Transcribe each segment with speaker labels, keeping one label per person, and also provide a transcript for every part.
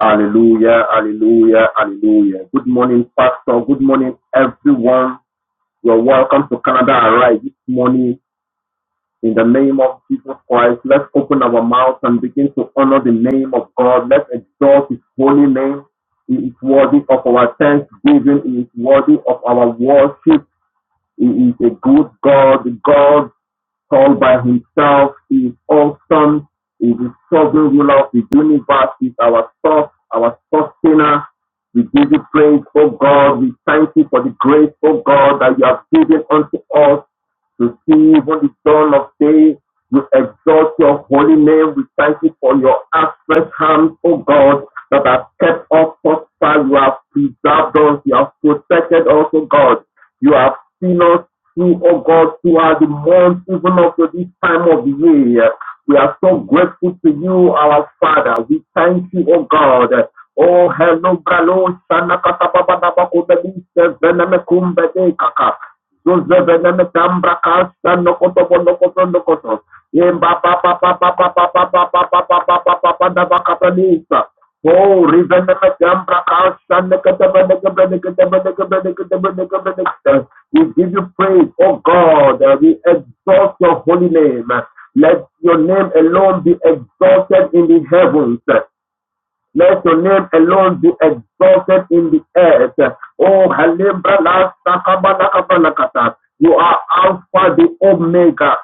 Speaker 1: Hallelujah, hallelujah, hallelujah. Good morning, Pastor. Good morning, everyone. You're welcome to Canada Arise this morning. In the name of Jesus Christ, let's open our mouths and begin to honor the name of God. Let's exalt His holy name. He is worthy of our thanksgiving. He is worthy of our worship. He is a good God, the God all by himself He is awesome. He's the sovereign ruler of the universe. He's our source, our sustainer. We give you praise, oh God. We thank you for the grace, oh God, that you have given unto us to see even the dawn of day. We exalt your holy name. We thank you for your outstretched hands, O God, that have kept us thus far. You have preserved us. You have protected us, O God. You have seen us through, O God, throughout the month, even up to this time of the year. We are so grateful to you, our Father. We thank you, O God. Oh, hello, bralo, shana kata baba na bako bebi, sevene me kumbe de kaka. Zozeveneme tambra kasta nokoto nokoto nokoto. Yemba pa pa pa pa pa pa pa pa pa pa pa pa pa pa da bakatanisa. Oh, riveneme tambra kasta nekete be nekete nekete nekete nekete nekete We give you praise, oh God. We exalt your holy name. Let your name alone be exalted in the heavens. Let your name alone be exalted in the earth. Oh, Halibra la sakabalakabalakata. you are Alpha the Omega,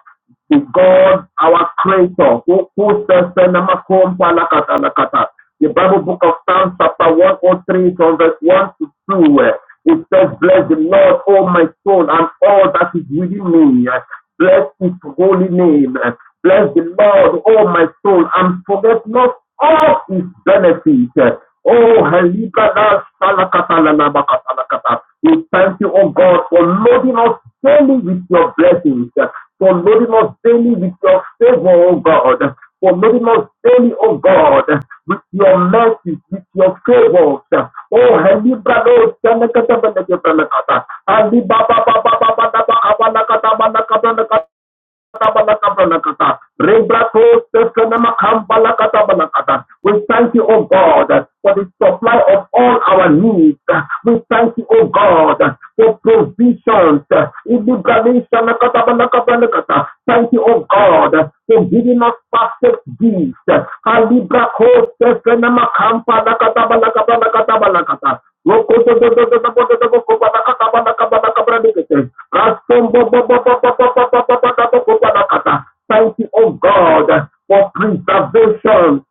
Speaker 1: the God, our Creator. Who who says, "Senamakompalakatalakata." The Bible book of Psalms, chapter 103, from verse 1 to 2, eh, it says, Bless the Lord, O my soul, and all that is within me. eh. Bless his holy name. eh. Bless the Lord, O my soul, and forget not all his benefits. Oh, Helikada Salakata Lalabakata Lakata. we thank you, oh God, for loading us daily with your blessings, for loading us daily with your favor, oh God, for loading us daily, oh God, with your mercies, with your favors. Oh, Helikada Salakata Lalabakata Lakata. Ali Baba Baba Baba Baba Baba Baba Baba Baba Baba we thank you, O God, for the supply of all our needs. We thank you, O God, for provisions. Ilibradeshanakatabalakabalakata. Thank you, O God, for giving us perfect gifts. Thank you, oh God, for preservation.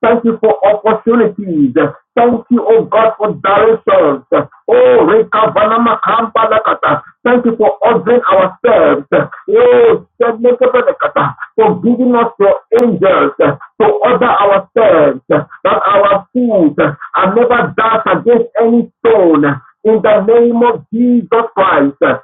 Speaker 1: Thank you for opportunities. Thank you, oh God, for directions. Oh, thank you for ordering ourselves. Oh, for giving us your angels to order ourselves, that our feet are never dashed against any stone. In the name of Jesus Christ,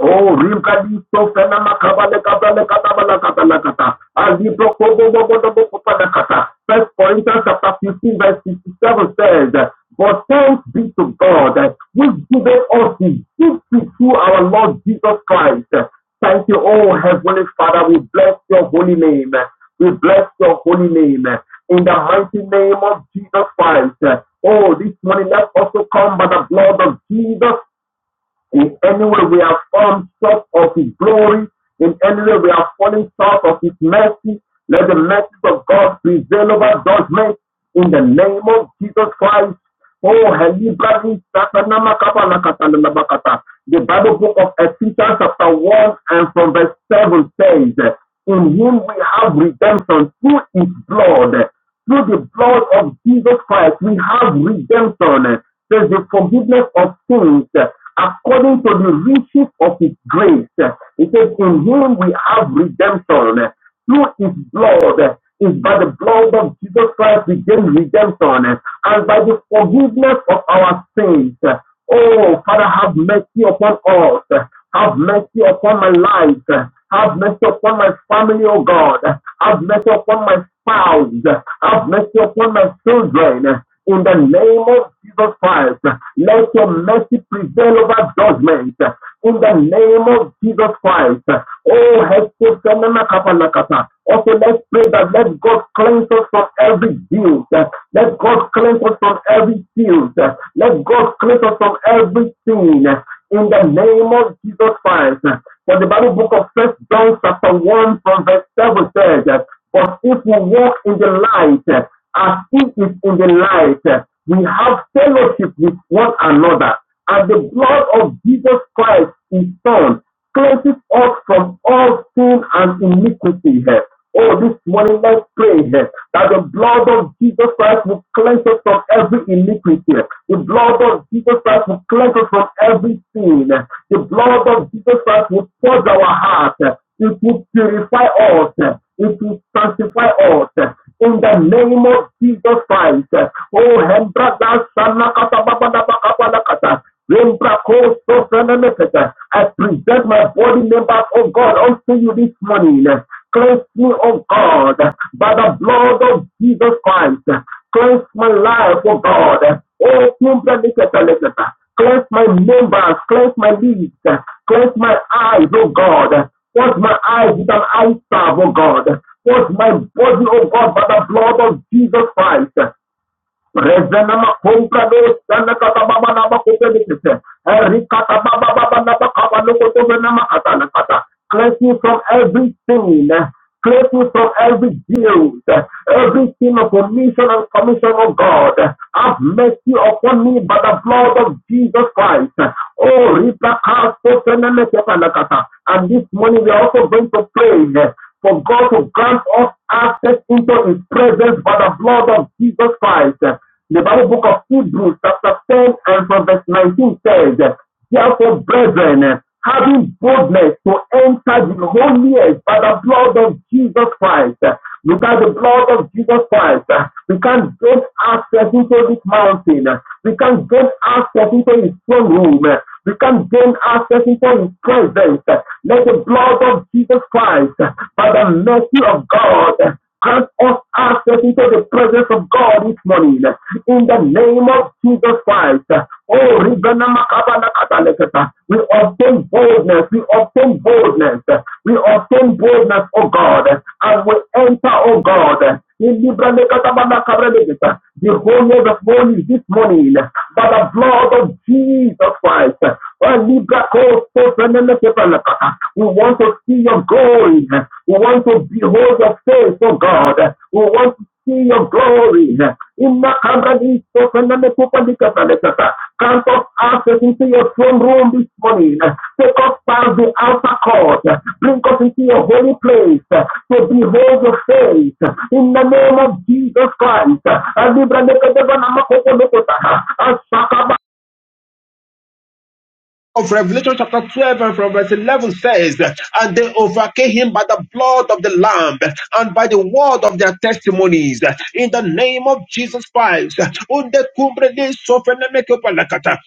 Speaker 1: Oh, Ribadisto Fenama Kabale Kabale Katabala Katala Kata. Azibro Kobo Bobo Dobo Kopada Kata. First Corinthians chapter 15 verse 67 says, But thanks be to God, which giveth us the gift through our Lord Jesus Christ. Thank you, oh Heavenly Father. We bless your holy name. We bless your holy name. In the mighty name of Jesus Christ. Oh, this morning, let's also come by the blood of Jesus in any way we have fallen short of His glory, in any way we have fallen short of His mercy, let the mercy of God prevail over judgment in the name of Jesus Christ. Oh, Helibrani, Satanama, Kapala, Katala, Labakata. the Bible book of Ephesians chapter 1 and from verse 7 says, In him we have redemption through his blood, through the blood of Jesus Christ, we have redemption. There's the forgiveness of sins uh, according to the riches of His grace. Uh, It says, In Him we have redemption. Through His blood, uh, is by the blood of Jesus Christ we gain redemption uh, and by the forgiveness of our sins. Uh, Oh, Father, have mercy upon us. Have mercy upon my life. Have mercy upon my family, oh God. Have mercy upon my spouse. Have mercy upon my children. In the name of Jesus Christ, let your mercy prevail over judgment. In the name of Jesus Christ, oh, help us, Senema Kapalakata. also let's pray that let God cleanse us from every guilt. Let God cleanse us from every guilt. Let God cleanse us from every sin. In the name of Jesus Christ. For the Bible book of First John chapter 1 from verse 7 says, But if we walk in the light, as it is in the light, we have fellowship with one another. And the blood of Jesus Christ, his son, Cleanses us from all sin and iniquity. eh. Oh, this morning, let's pray eh, that the blood of Jesus Christ will cleanse us from every iniquity. The blood of Jesus Christ will cleanse us from every sin. The blood of Jesus Christ will purge our heart. It will purify us. It will sanctify us. In the name of Jesus Christ. Oh, Hembra, Lembrakoso Franamekata. I present my body members, oh God, unto you this morning. Cleanse me, oh God, by the blood of Jesus Christ. Cleanse my life, oh God. Oh, Franamekata, Lekata. Cleanse my members, cleanse my lips, cleanse my eyes, oh God. Wash my eyes with an eye salve, oh God. Wash my body, oh God, by the blood of Jesus Christ. Revenama compra no sana kata baba na ba kote no Cleanse you from every sin. eh. Cleanse you from every guilt. eh. Every sin of omission and commission of God. Have mercy upon me by the blood of Jesus Christ. Oh, Rita Kasto Fenele Kata na kata. And this morning we are also going to pray. eh, for God to grant us access into His presence by the blood of Jesus Christ. The Bible book of Hebrews, chapter 10 and from verse 19 says, Therefore, brethren, having boldness to enter the holiest by the blood of Jesus Christ, Without the blood of Jesus Christ, uh, we can't get access into this mountain. uh, We can't get access into his throne room. uh, We can't gain access into his presence. uh, Let the blood of Jesus Christ, uh, by the mercy of God, uh, Grant us access into the presence of God this morning. In the name of Jesus Christ. Oh, we obtain boldness. We obtain boldness. We obtain boldness, oh God. And we enter, oh God. In Librane Katabana Kabrelekata. The wholeness of morning this morning by the blood of Jesus Christ. Oh, Libra Kosofanelekata we want to see your glory. We want to behold your face, oh God. We want to see your glory. In the company, so Count us access into your throne room this morning. Take us past the outer court. Bring us into your holy place to behold your face. In the name of Jesus Christ of Revelation chapter 12 and from verse 11 says, And they overcame him by the blood of the Lamb and by the word of their testimonies. In the name of Jesus Christ. Unde cumbre de sofrene me que palacata.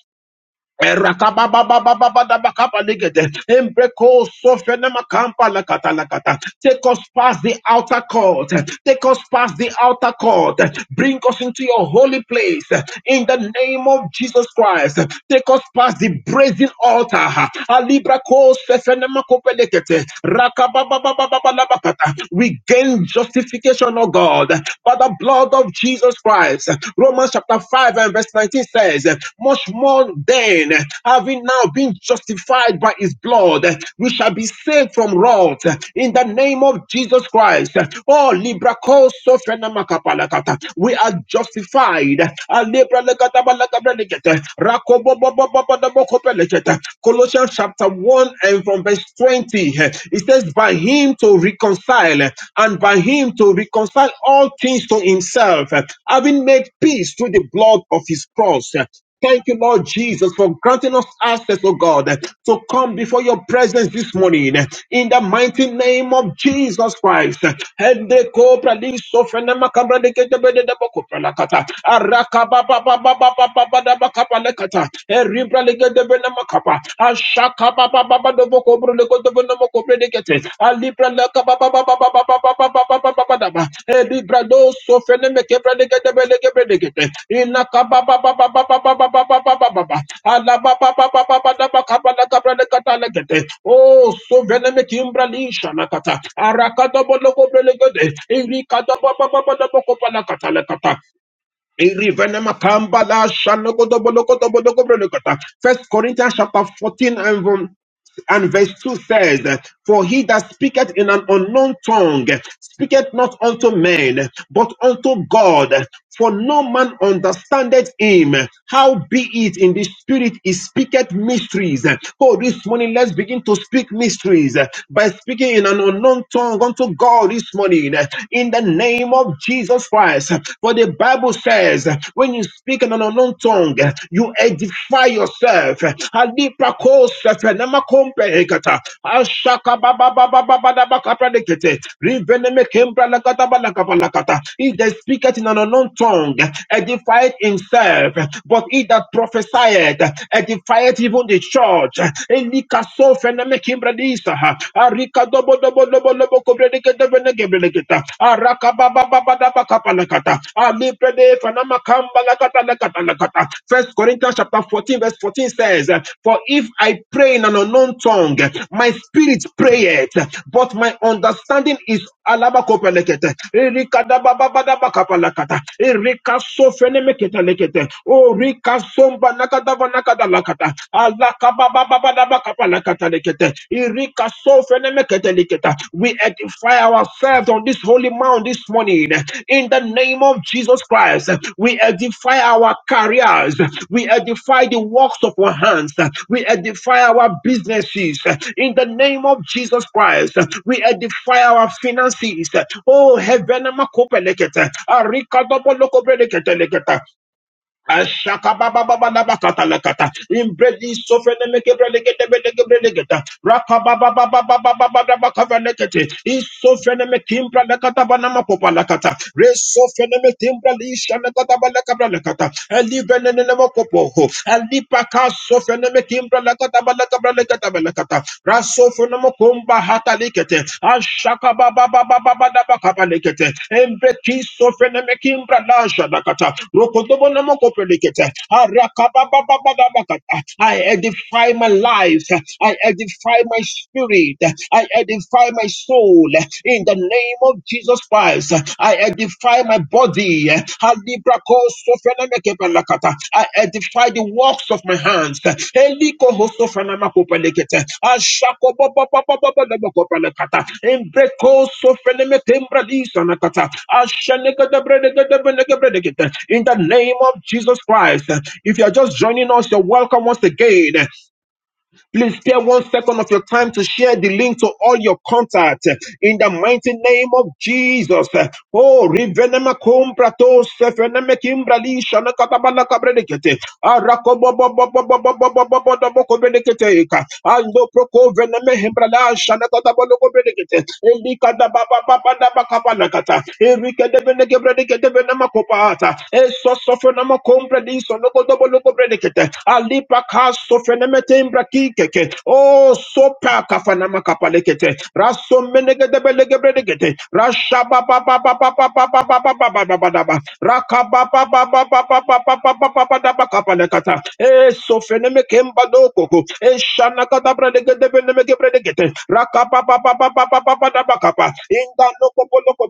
Speaker 1: Erakabababababababakabaligede. Embreko sofenemakampa lakata lakata. Take us past the outer court. Take us past the outer court. Bring us into your holy place. In the name of Jesus Christ. Take us past the brazen altar. Alibrako sefenemakopelekete. Rakabababababalabakata. We gain justification, O God, by the blood of Jesus Christ. Romans chapter 5 and verse 19 says, Much more then, having now been justified by his blood, we shall be saved from wrath in the name of Jesus Christ. Oh, Libra Koso Fenamakapalakata. we are justified. Ah, Libra Lekata Balakabra Lekete. Rakobo Bo Bo Bo Bo Bo Bo Kope Lekete. Colossians chapter 1 and from verse 20, it says, By him him to reconcile and by him to reconcile all things to himself, having made peace through the blood of his cross. Thank you, Lord Jesus, for granting us access, oh God, to come before your presence this morning. In the mighty name of Jesus Christ makapa ashaka ba ba ba ba do boko bro le kodo bena makobre de kete alibra la baba baba baba baba. ba ba ba ba ba ba ba ba ba ba da ba elibra do so fene me kebre de kete bele ina ka ba ba ba ba ba ba ba ba ba ba ba ba ba ba ala ba ba ba ba ba ba da oh so vene me kimbra li shana kata araka do bolo kobre le kete irika do ba ba ba ba da boko pa la kata Irivenema pamba la shanogodoboloko doboloko brolokota. First Corinthians chapter 14 and verse and verse 2 says, For he that speaketh in an unknown tongue speaketh not unto men, but unto God. For no man understandeth him. How be it in the spirit he speaketh mysteries. Oh, this morning let's begin to speak mysteries by speaking in an unknown tongue unto God this morning in the name of Jesus Christ. For the Bible says, when you speak in speaking on unknown tongue. You edify yourself. Alipa kosa fenema kompekata. He that in an unknown tongue edifieth himself, but he that prophesieth edifieth even the church. Elika so feneme kimbra disa. Arika dobo dobo dobo dobo kobre dike dobo nege legeta arakababababadabakapalakata alibrede fanamakambalakatalakatalakata First Corinthians chapter 14 verse 14 says for if I pray in an unknown tongue my spirit prayeth but my understanding is alabakopalakete irikadabababadabakapalakata irikasofenemekete lekete o rikasombanakadavanakadalakata we edify ourselves on this holy mound this morning. In the name of Jesus Christ, we edify our careers. We edify the works of our hands. We edify our businesses. In the name of Jesus Christ, we edify our finances. Oh, heaven, Makopelekete, Arikadobolokobreleketelekete. Ashakabababababakatalakata. Imbredi sofrenemekebrelegetebelegebrelegeta. Rakababababababababakavanekete. Isofrenemekimbralekatabanamapopalakata. Resofrenemekimbralishanekatabalakabralekata. Elivenenelemokopoho. Elipakasofrenemekimbralekatabalakabralekatabelekata sofonomokumba hatalikete ashaka baba baba baba daba embeki sofenemekimbra lasha dakata rokodobonomokopelikete araka baba baba daba I edify my life I edify my spirit I edify my soul in the name of Jesus Christ I edify my body the handi braco sofernameka balakata. I edify the works of my hands. Eliko sofernamakupalekete. Ashako babababababababakupalekata. In braco sofernametemralisa nakata. Asha neke debre debre debre neke bredekete. In the name of Jesus Christ. If you're just joining us, you're welcome once again. Please spare one second of your time to share the link to all your contacts eh, in the mighty name of Jesus. eh. Oh, rivenema comprato sefeneme kimbrali shana katabala kabredekete. Arakobo bo bo bo bo bo bo bo bo bo bo bo kobredekete ka. Ando proko veneme himbrala shana katabala kobredekete. Elika da ba ba ba ba da ba kabala kata gebredikete benamakopata. Eso sofenama comprediso logo dobo logo bredikete. Alipa kas sofenemetembra kikeke. Oh, sopa kafanama kapalekete. Raso menegede belege bredikete. Rasha ba ba ba ba ba ba ba ba ba ba ba ba ba ba da ba. Raka ba ba ba ba ba ba ba ba ba ba ba ba da ba kapalekata. Eh, sofenemekemba dokoko. Shana kata brede gede bende meke brede gete. Raka pa pa In the loko po loko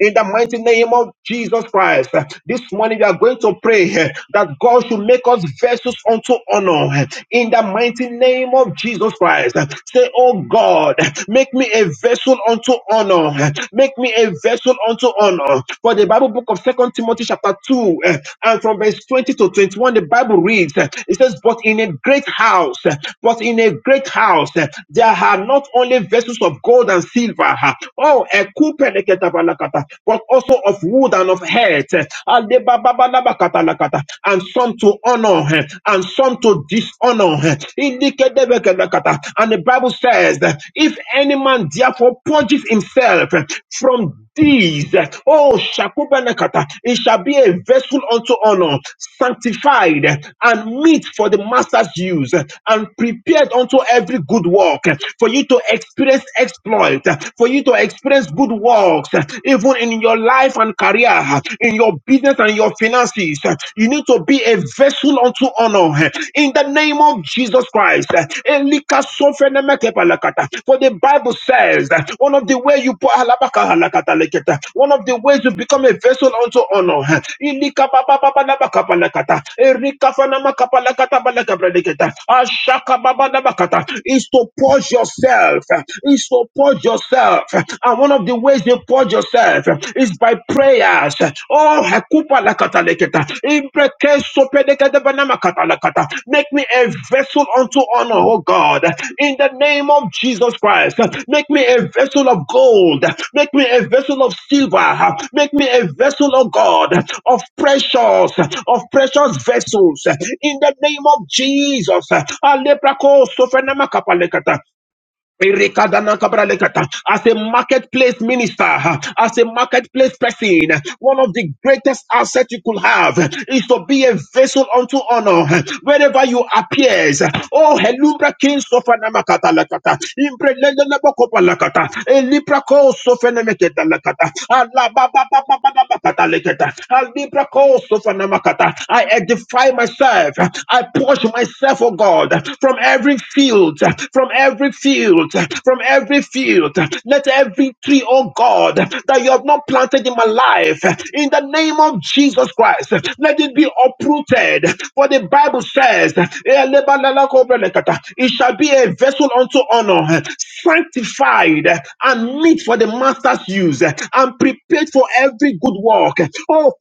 Speaker 1: In the mighty name of Jesus Christ, this morning we are going to pray eh, that God should make us vessels unto honor. eh, In the mighty name of Jesus Christ, say, Oh God, make me a vessel unto honor. eh, Make me a vessel unto honor. For the Bible book of Second Timothy chapter 2 eh, and from verse 20 to 21, the Bible reads, eh, it says, but in a great house, eh, but in a great house, eh, there are not only vessels of gold and silver, ah, oh, ekupeleketabalakata, but also of wood and of earth, eh, alebababalabalakatalakata, and some to honor, eh, and some to dishonor. eh, indikedebelakata. And the Bible says, that if any man therefore purges himself eh, from deeds. Oh, Shakubanakata, it shall be a vessel unto honor, sanctified and meet for the master's use, and prepared unto every good work, for you to experience exploit, for you to experience good works, even in your life and career, in your business and your finances. You need to be a vessel unto honor in the name of Jesus Jesus Christ. Elika sofenemeke palakata. For the Bible says that one of the ways you put halabaka halakata leketa, one of the ways you become a vessel unto honor. Elika ba- ba- ba- ba- labaka palakata. Erika fanamaka palakata balaka prediketa. Ashaka ba- ba- labakata. is to purge yourself, is to purge yourself. And one of the ways you purge yourself is by prayer. Kata. Oh, hekupa lakata leketa. Imbreke sopedekete banama kata lakata. Make me a vessel unto honor, oh God. In the name of Jesus Christ, make me a vessel of gold. Make me a vessel of silver. Make me a vessel, oh God, of precious, of precious vessels. In the name of Jesus. Alebrako sofenama kapa lekata. Erekadanakabralekata. As a marketplace minister, as a marketplace person, one of the greatest assets you could have is to be a vessel unto honor wherever you appear. Oh, Helubra King Sofanamakata Lakata, Imbrelenabokobalakata, Elibrako Sofanameketa Lakata, Alababababababakata Lekata, Alibrako Sofanamakata. I edify myself, I push myself, oh God, from every field, from every field, from every field. Let every tree, oh God, that you have not planted in my life, in the name of Jesus Christ, let it be uprooted. For the Bible says, it shall be a vessel unto honor, sanctified and meet for the master's use, and prepared for every good work. Oh,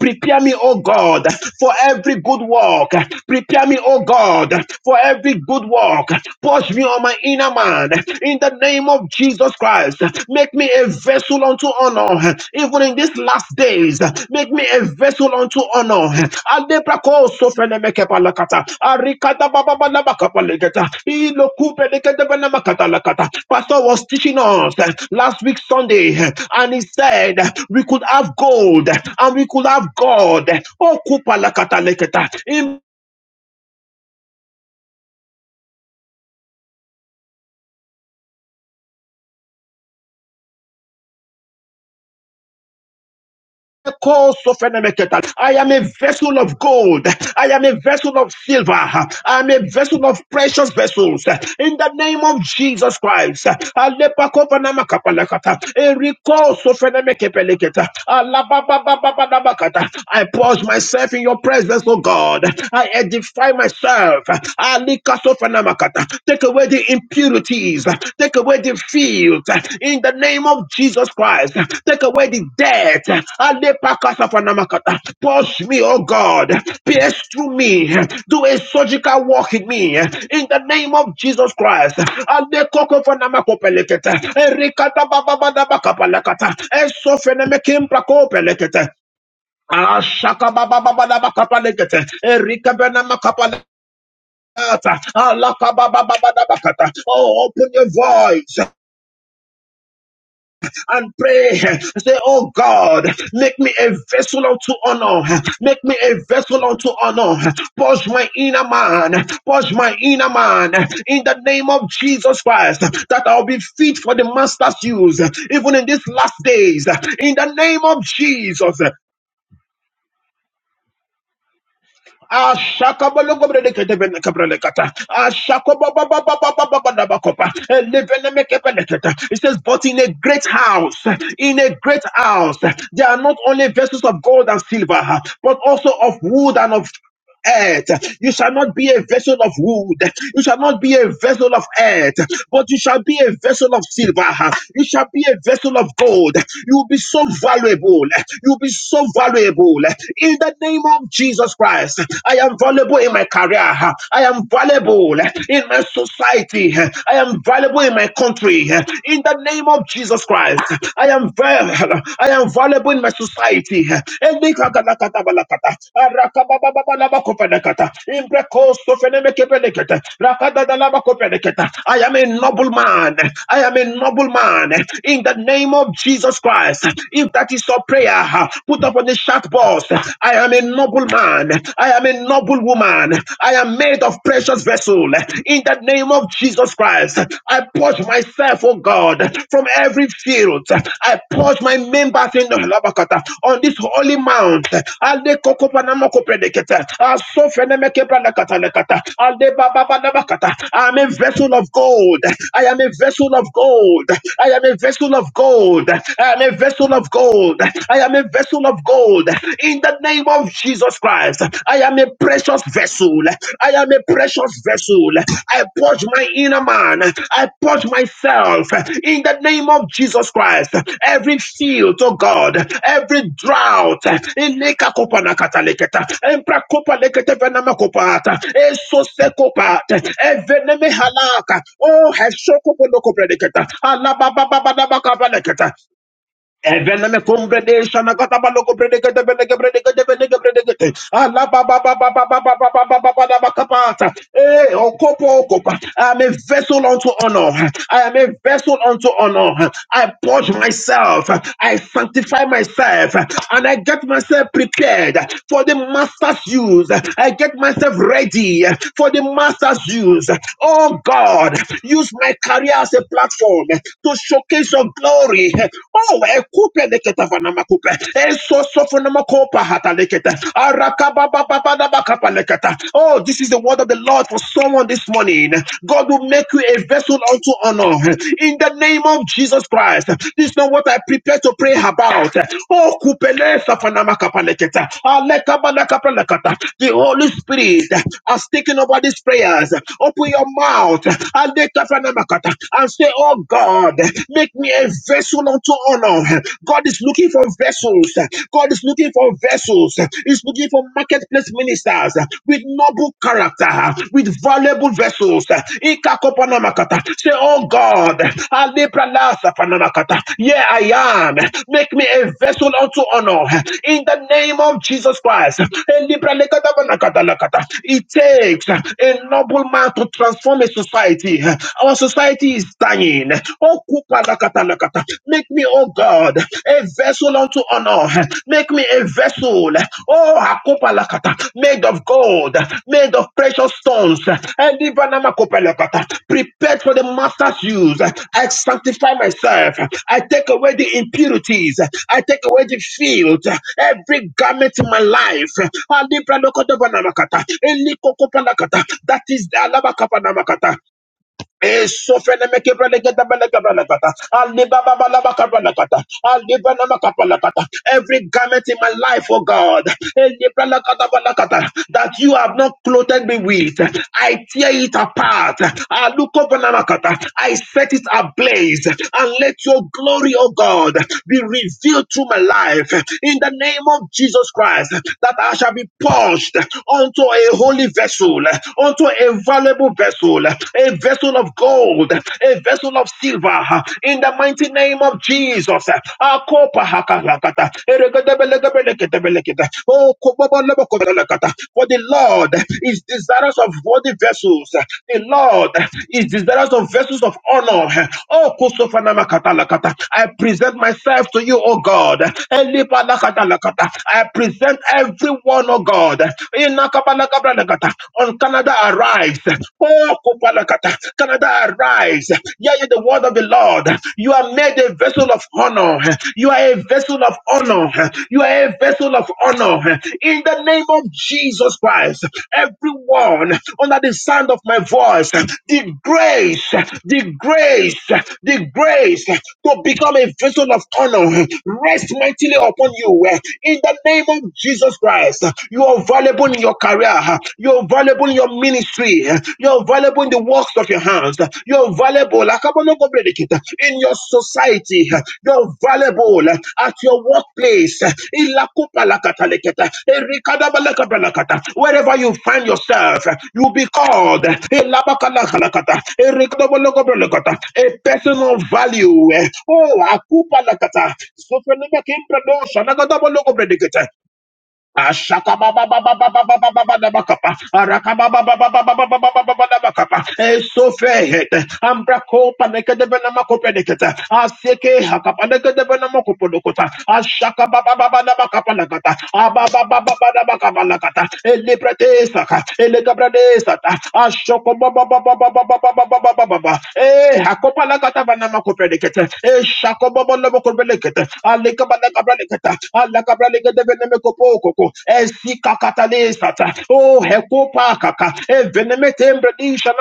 Speaker 1: prepare me, oh God, for every good work. Prepare me, oh God. God, for every good work. Purge me on my inner man. In the name of Jesus Christ, make me a vessel unto honor. Even in these last days, make me a vessel unto honor. Adebrako sofenemekepalakata. Arikata bababalabakapalegeta. Ilokupeleketebenemakata. Pastor was teaching us last week Sunday, and he said we could have gold and we could have God. Oh, kupalakataleketa. I am a vessel of gold. I am a vessel of silver. I am a vessel of precious vessels. In the name of Jesus Christ. Alepakovanamakapalakata. Erikosofenemekepeleketa. Alababababababakata. I pause myself in your presence, O God. I edify myself. Alikasofenamakata. Take away the impurities. Take away the fields. In the name of Jesus Christ. Take away the debt. Alepakasafanamaka. Push me, oh God. Pierce through me. Do a surgical work in me. In the name of Jesus Christ. Alekokofanamakopeletete. Erikatabababadabakapalakata. Esofenemekimplakopelekete. Ashaka baba baba baba kapalekete. Erika bena Oh, open your voice and pray. Say, Oh God, make me a vessel unto honor. Make me a vessel unto honor. Purge my inner man. Purge my inner man. In the name of Jesus Christ, that I'll be fit for the master's use, even in these last days. In the name of Jesus. Ashakabalogobredekedebelekebelekata. Ashakobabababababababababa. Elevenemekebeleketa. It says, but in a great house, in a great house, there are not only vessels of gold and silver, but also of wood and of earth. You shall not be a vessel of wood. You shall not be a vessel of earth, but you shall be a vessel of silver. You shall be a vessel of gold. You will be so valuable. You will be so valuable. In the name of Jesus Christ, I am valuable in my career. I am valuable in my society. I am valuable in my country. In the name of Jesus Christ, I am valuable. I am valuable in my society. Elikagalakatabalakata. Arakabababalabakopenekata. Imbrekostofelemekepelekete. Rakadadalabakopenekete. I am a noble man. I am a noble man. In the name of Jesus Christ, if that is your prayer, put up on the chat box. I am a noble man. I am a noble woman. I am made of precious vessel. In the name of Jesus. Jesus Christ, I purge myself, oh God, from every field. I purge my members in the Labakata on this holy mount. Alde kokopanamoko predicata. Aso fenemeke bradakata lekata. Alde bababadabakata. I am a vessel of gold. I am a vessel of gold. I am a vessel of gold. I am a vessel of gold. I am a vessel of gold. In the name of Jesus Christ. Christ. I am a precious vessel. I am a precious vessel. I purge my inner man. I purge myself in the name of Jesus Christ. Every field, oh God, every drought. Eleka kopa na kataleketa. Empra kopa lekete venama kopata. Eso se kopata. Eveneme halaka. Oh, heshoko pono kopredeketa. Alabababababakabaleketa. Eveleme kumbrede shana kata balo kumbrede kete bende kumbrede kete bende kumbrede kete. Ala ba ba ba ba ba ba ba ba ba ba ba ba ba ba kapata. Eh, okopo okopa. I am a vessel unto honor. I am a vessel unto honor. I purge myself. I sanctify myself. And I get myself prepared for the master's use. I get myself ready for the master's use. Oh God, use my career as a platform to showcase your glory glory. Oh, ekupe leketa fana makupe. Eso sofo na makopa hata leketa. Arakaba ba ba ba na leketa. Oh, this is the word of the Lord for someone this morning. God will make you a vessel unto honor. In the name of Jesus Christ. This is not what I prepare to pray about. Oh, kupele safana makapa leketa. Alekaba lekapa leketa. The Holy Spirit has taken over these prayers. Open your mouth. Alekafana makata. And say, Oh God. God. Make me a vessel unto honor. God is looking for vessels. God is looking for vessels. He's looking for marketplace ministers with noble character, with valuable vessels. Ikakopanakata. Say, Oh God, Alepralasapanakata. here I am. Make me a vessel unto honor. In the name of Jesus Christ. Elipralekatapanakatalakata. It takes a noble man to transform a society. Our society society is dying. Oh, kupalakatalakata. Make me, oh God, a vessel unto honor. Make me a vessel, oh, akupalakata, made of gold, made of precious stones. And prepared for the master's use. I sanctify myself. I take away the impurities. I take away the field. Every garment in my life. Alibranokotobanamakata, kata. Eliko kopana kata. That is the alabakapanamaka. Every garment in my life, oh God, that you have not clothed me with, I tear it apart. Alukobanakata. I set it ablaze and let your glory, oh God, be revealed through my life in the name of Jesus Christ, that I shall be purged unto a holy vessel, unto a valuable valuable vessel, a vessel of gold, a vessel of silver, in the mighty name of Jesus. Akopa hakalakata, oh, For the Lord is desirous of worthy vessels. The Lord is desirous of vessels of honor. Oh, I present myself to you, O God. I present everyone, oh God. Kopalakata. On Canada arrives. Oh, Kopalakata. Canada arrives. Hear ye the word of the Lord. You are made a vessel of honor. You are a vessel of honor. You are a vessel of honor. In the name of Jesus Christ, everyone under the sound of my voice, the grace, the grace, the grace to become a vessel of honor rest mightily upon you. In the name of Jesus Christ, you are are valuable in your career. You are valuable in your ministry. You are valuable in the works of your hands. You are valuable in your society. You are valuable at your workplace. Wherever you find yourself, you'll be called a person of value. Oh, Akupalakata. Sofelemekimbradoshanagadabalogobrelekita. Ashakabababababababababababakapa. Arakabababababababababababababakapa. Esofehet. Ambrakopanekedebenamakopeneketa. Asekeakapanekedebenamakoponokota. Ashakababababababakapalakata. Ababababababakabalakata. Elebretesaka. Elegabradesata. Ashokobabababababababababababa. Eh, akopalakata banamakopeneketa. Eh, shakobobolobokopeleketa oh hekopakaka, evenemetembredisha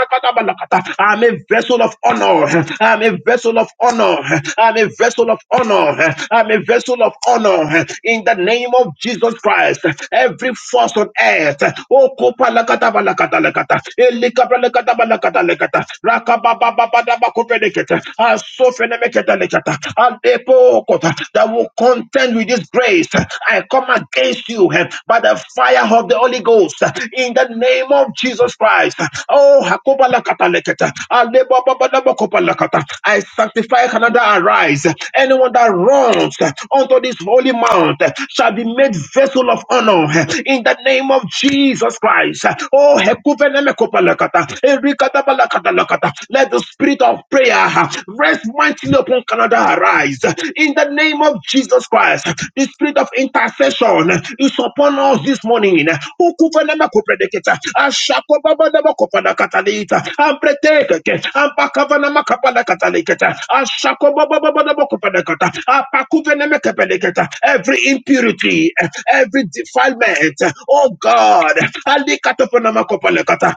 Speaker 1: I'm a vessel of honor. I'm a vessel of honor. I'm a vessel of honor. I'm a vessel of honor. In the name of Jesus Christ, every force on earth, oh kopalakatabalakatalakata, elikabralakatabalakatalakata, rakabababababakopelekete, asofenemekete, that will contend with this grace. I come against you eh, by the fire of the Holy Ghost eh, in the name of Jesus Christ. Oh, hakobalakataleketa, alebobobobobokopalakata. I sanctify Canada arise. Anyone that runs eh, onto this holy mount eh, shall be made vessel of honor eh, in the name of Jesus Christ. Oh, hekuvenemekopalakata, erikatabalakatalakata. Let the spirit of prayer uh, rest mightily upon Canada arise. In the name of Jesus Christ, the spirit of intercession is upon us this morning. Ukuvenamakupredicator, Ashakobabadabakopadakatalita, Ampretekeke, Ambakavanamakapadakatalikator, Ashakobababadabakopadakator, Apakuvenemekepedikator. Every impurity, every defilement, oh God, Alikatoponamakopalekator,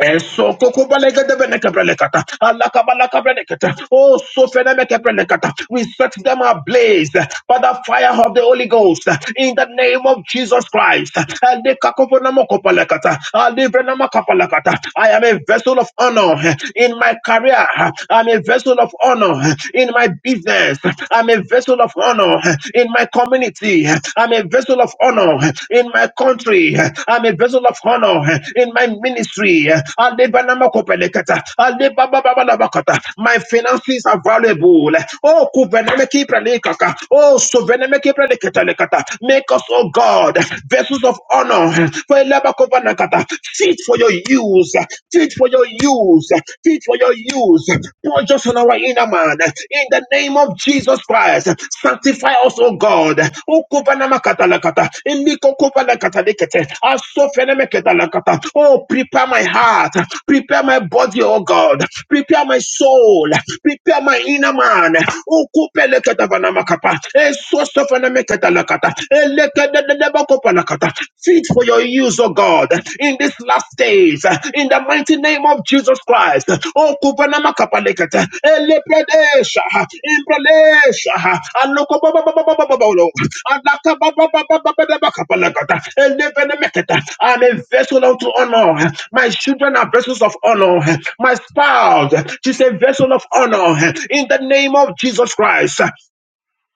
Speaker 1: Eso koko balega de benekebrelekata. Alaka balaka brenekata. Oh, so fenemekebrenekata. We set them ablaze by the fire of the Holy Ghost in the name of Jesus Christ. Alekakoponamokopalekata. Alibrenamakapalekata. I am a vessel of honor in my career. I'm a vessel of honor in my business. I'm a vessel of honor in my community. I'm a vessel of honor in my country. I'm a vessel of honor in my ministry. Alebanamakopenekata, alebababababakata. My finances are valuable. Oh, kuvenemekiprenekaka. oh, suvenemekiprenekatalekata. make us, oh God, vessels of honor. For elebakovanakata. Teach for your use. Teach for your use. Teach for your use. Purge us on our inner man. In the name of Jesus Christ, sanctify us, O God. Ukubanamakatarakata, ilikokubanakarakatekete, asofenemeketarakata. Oh, prepare my heart. Prepare my body, O God. Prepare my soul. Prepare my inner man. Ukupeleketavanamakapa, esosofenemeketarakata, elekedededebakopalakata. Fit for your use, oh God, in these last days, in the mighty name of Jesus Christ. Oh, Kupanama Kapalekata, Elepredesha, Impredesha, Alokobababababababolo, Adakabababababababakapalakata, Elevenemeketa. I'm a vessel unto honor. My children are vessels of honor. My spouse, she's a vessel of honor. In the name of Jesus Christ.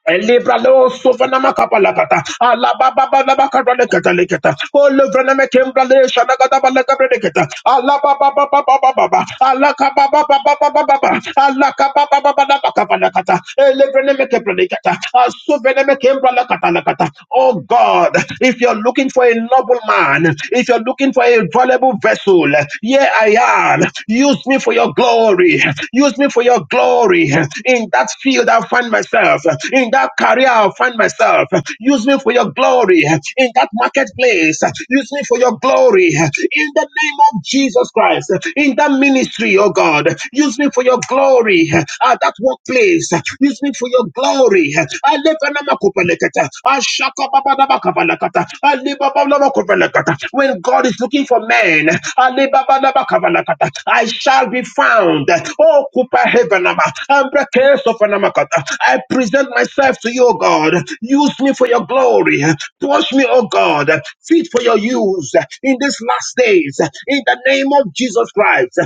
Speaker 1: Elibralo sovana kapalakata. Alababa labakara lekata lekata. Olevana mekembrale shanagada balakabra lekata. Alababa baba baba baba. Alakaba baba baba baba. Alakaba baba baba kapalakata. Elevana mekembrale lekata. Asovana mekembrale lekata lekata. Asovene me kembra lakata lakata. Oh God, if you're looking for a noble man, if you're looking for a valuable vessel, here I am. Use me for your glory. Use me for your glory. In that field I find myself, in that career I find myself. Use me for your glory, in that marketplace. Use me for your glory, in the name of Jesus Christ, in that ministry, oh God. Use me for your glory, at that workplace. Use me for your glory. Alepanamakobalekata, ashakababadabakabalakata, alebabababakabalakata. When God is looking for men, alebabababakabalakata, I shall be found. Oh, Kupa I present myself to you, God. Use me for your glory. Push me, oh God. Fit for your use in these last days. In the name of Jesus Christ.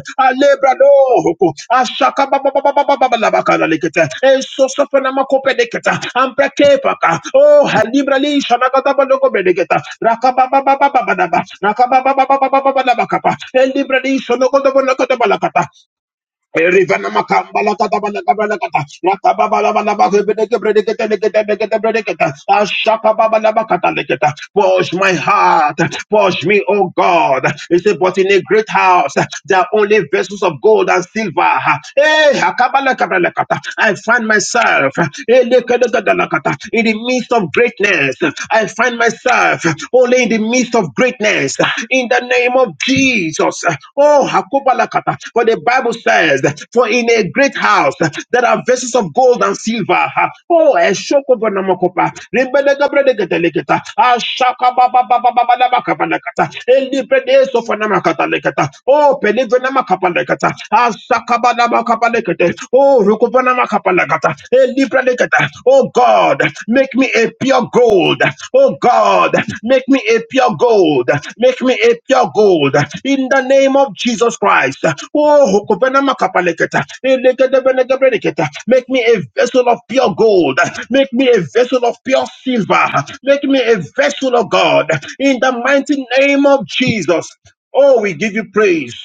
Speaker 1: Erivana makamba la kata bala kaba la kata la kaba bala bala bala bala bala bala bala bala ashaka baba la bakata la kata. Push my heart, push me, oh God. He said, But in a great house, there are only vessels of gold and silver. Hey, akabalakabalakata. I find myself eh, lekadakadalakata, in the midst of greatness. I find myself only only in the midst of greatness. In the name of Jesus. Oh, Hakobalakata. For the Bible says, For in a great house there are vessels of gold and silver. Oh, Eshokobonamokopa. Rebelegabredegedelegeta. Ashakabababababababakabalakata. Elibedesofonamakatalegeta. Oh, Pelivenamakapalekata. Asakabalabakapalekete. Oh, Rukobanamakabalekata. Lakapalakata, Elibradekata. Oh God, make me a pure gold. Oh God, make me a pure gold. Make me a pure gold. In the name of Jesus Christ. Oh, Hokobenamakapalekata, Elegedebenegebredekata. make me a vessel of pure gold. Make me a vessel of pure silver. Make me a vessel of God. In the mighty name of Jesus. Oh, we give you praise.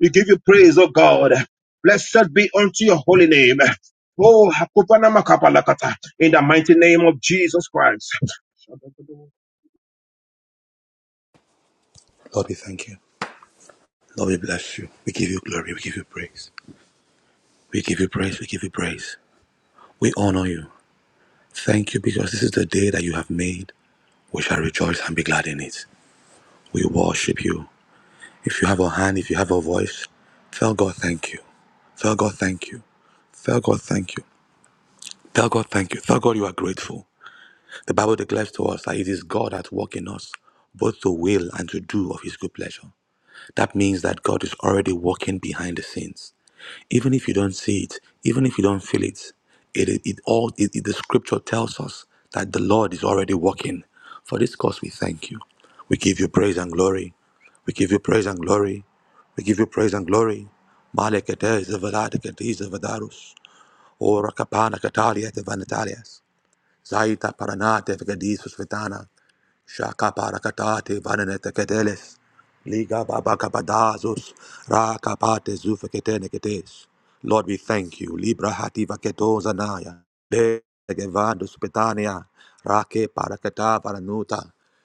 Speaker 1: We give you praise, oh God. Blessed be unto your holy name. Oh, Hakopanama Kapalakata, in the mighty name of Jesus Christ.
Speaker 2: Lord, we thank you. Lord, we bless you. We give you glory. We give you praise. We give you praise. We give you praise. We honor you. Thank you because this is the day that you have made. We shall rejoice and be glad in it. We worship you. If you have a hand, if you have a voice, tell God thank you. Tell God thank you. Tell God thank you. Tell God thank you. Tell God you are grateful. The Bible declares to us that it is God at work in us, both to will and to do of his good pleasure. That means that God is already working behind the scenes. even if you don't see it, even if you don't feel it, it, it, it all it, it- the scripture tells us that the Lord is already working. For this cause, we thank you. We give you praise and glory. We give you praise and glory. We give you praise and glory. Malekete zevelade kete zevedarus. Ora kapana katalia tevanetalias. Zaita paranate vegadisu svetana. Shaka parakatate vananete keteles. Liga babakabadazos. Raka pate zufeketene ketes. Lord, we thank you. Libra hativa ketozanaya. De gevados petania. Rake parakata varanuta.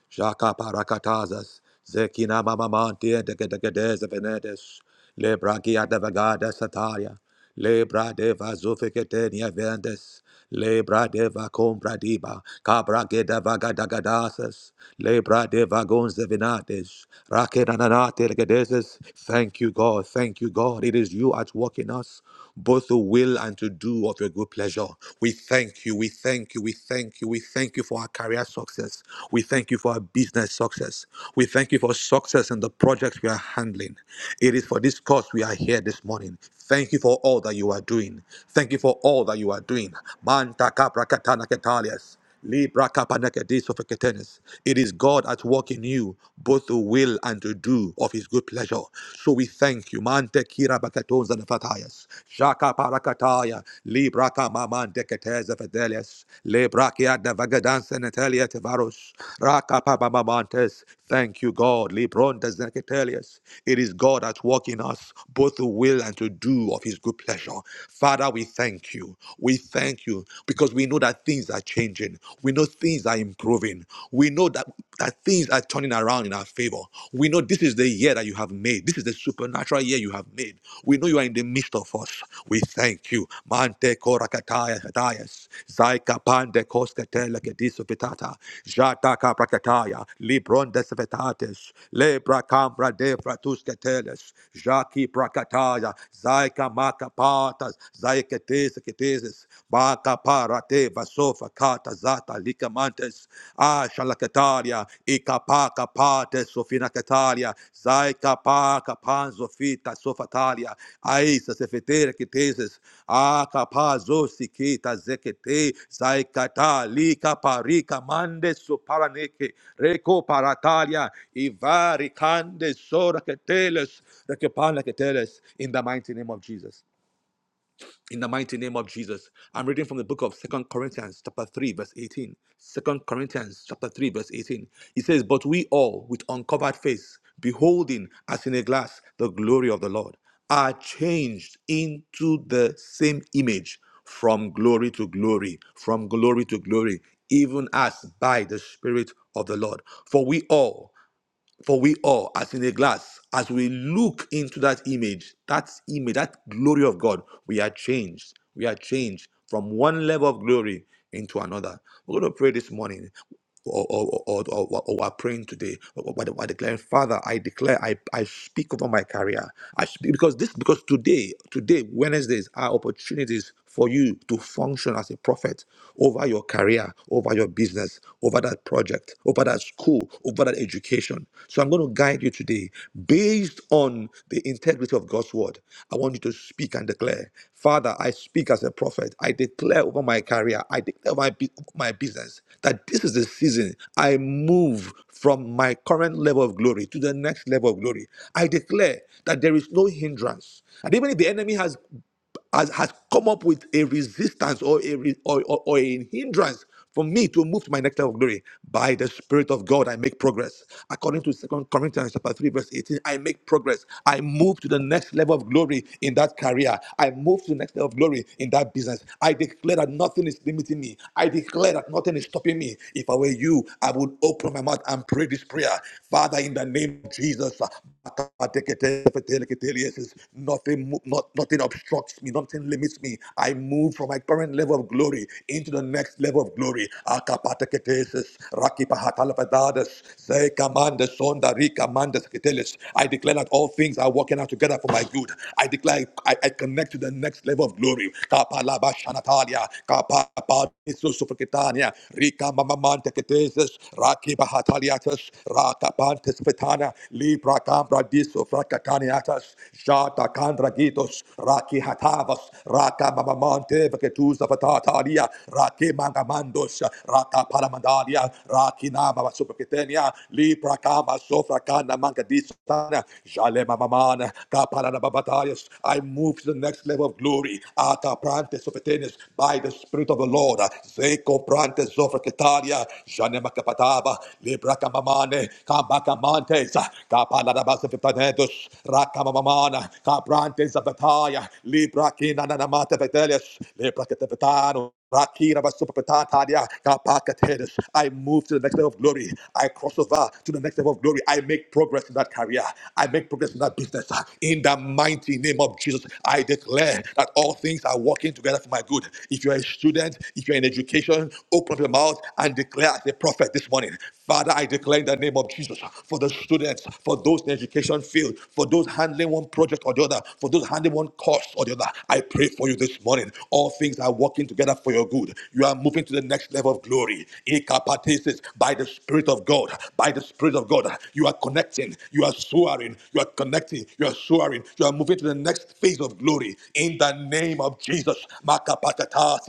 Speaker 2: Shaka parakatazas. Zekina mamamante de venedes. Lebra kia de vegada sataya. Lebra deva zofeketenia vendes. Lebra deva compradiba. Cabra gedava gadagadasas. Lebra deva gonzevinates. Rakenanate gedeses. Thank you, God. Thank you, God. It is you at work in us both to will and to do of your good pleasure. We thank you, we thank you, we thank you, we thank you for our career success. We thank you for our business success. We thank you for success in the projects we are handling. It is for this cause we are here this morning. Thank you for all that you are doing. Thank you for all that you are doing. Manta capra catana catalias. Libra kapanakadeso feketenes. It is God at work in you, both to will and to do of His good pleasure. So we thank you. Mante kira bakatonza fatayas. Shaka parakataya. Libra kamamante keteza fedeles. Libra kia devagadansa netelia tevaros. Raka pabamamantes. Thank you, God. Libronda zeketelias. It is God at work in us, both to will and to do of His good pleasure. Father, we thank you. We thank you because we know that things are changing. We know things are improving. We know that, that things are turning around in our favor. We know this is the year that you have made. This is the supernatural year you have made. We know you are in the midst of us. We thank you. Mante korakataya hatayas. Zaika pande koskatela kediso petata. Jata kaprakataya. Libron desvetates. Lebra cambra de fratus keteles. Jaki prakataya. Zaika makapatas. Zaika Teresa Ketesis, Baka Parate, Vasofa Kata Zata Likamantes, Asha Lakataria, Ikapaka Pate Sofina Kataria, Zaika Paka Panzofita Sofatalia, Aisa Sefetera Ketesis, Akapazo Sikita Zekete, Zaikata Lika Parika Mande Soparaneke, Reko Paratalia, Ivari Kande Sora Keteles, Rekepana Keteles, in the mighty name of Jesus. In the mighty name of Jesus, I'm reading from the book of Second Corinthians, chapter 3, verse 18. Second Corinthians, chapter 3, verse 18. It says, But we all, with uncovered face, beholding as in a glass the glory of the Lord, are changed into the same image from glory to glory, from glory to glory, even as by the Spirit of the Lord. For we all, for we all, as in a glass, as we look into that image, that image, that glory of God, we are changed. We are changed from one level of glory into another. We're going to pray this morning or, or, or, or, or, or are praying today or or by, the- by declaring father i declare I, I speak over my career i speak because this because today today wednesdays are opportunities for you to function as a prophet over your career, over your business, over that project, over that school, over that education. So I'm going to guide you today based on the integrity of God's word. I want you to speak and declare, Father, I speak as a prophet. I declare over my career, I declare over my, bu- over my business that this is the season I move from my current level of glory to the next level of glory. I declare that there is no hindrance. And even if the enemy has has, has come up with a resistance or a, re- or, or, or a hindrance for me to move to my next level of glory by the spirit of god i make progress according to Second corinthians chapter 3 verse 18 i make progress i move to the next level of glory in that career i move to the next level of glory in that business i declare that nothing is limiting me i declare that nothing is stopping me if i were you i would open my mouth and pray this prayer father in the name of jesus Yes, Nothing, mo- not, nothing obstructs me. Nothing limits me. I move from my current level of glory into the next level of glory. Akapateketesis, rakipahatalapadadas, zeikamandes, sondarikamandes ketelis. I declare that all things are working out together for my good. I declare I, I connect to the next level of glory. Kapalabashanatalia, kapapapisusufrikitania, rikamamamanteketesis, rakipahataliatus, rakapantes fetana, Libra cambra disso fracataniatas, jata candra gitos, raki hatavas, raka mamamante vegetusa fatatalia, raki mangamandos, raka paramandalia, raki nama supercetenia, Libra cama sofra cana manga jale mamamana, caparana babatarias. I move to the next level of glory, ata prante sopetenias, by the Spirit of the Lord, zeko prante sofra cetalia, janema capataba, Libra camamane, Cambacamante, Mesa, Capaladabas of Tanetus, Rakamamana, Caprantes of Bataya, Libra Kinanamata Vetelius, Libra Catapetano. Rakira Vasupapatatadia, Kapakatedes. I move to the next level of glory. I cross over to the next level of glory. I make progress in that career. I make progress in that business. In the mighty name of Jesus, I declare that all things are working together for my good. If you're a student, if you're in education, open up your mouth and declare as a prophet this morning. Father, I declare in the name of Jesus, for the students, for those in the education field, for those handling one project or the other, for those handling one course or the other. I pray for you this morning. All things are working together for your good. You are moving to the next level of glory. Ikapatesis, By the Spirit of God, by the Spirit of God, you are connecting, you are soaring, you are connecting, you are soaring, you are moving to the next phase of glory. In the name of Jesus, Makapatatasis,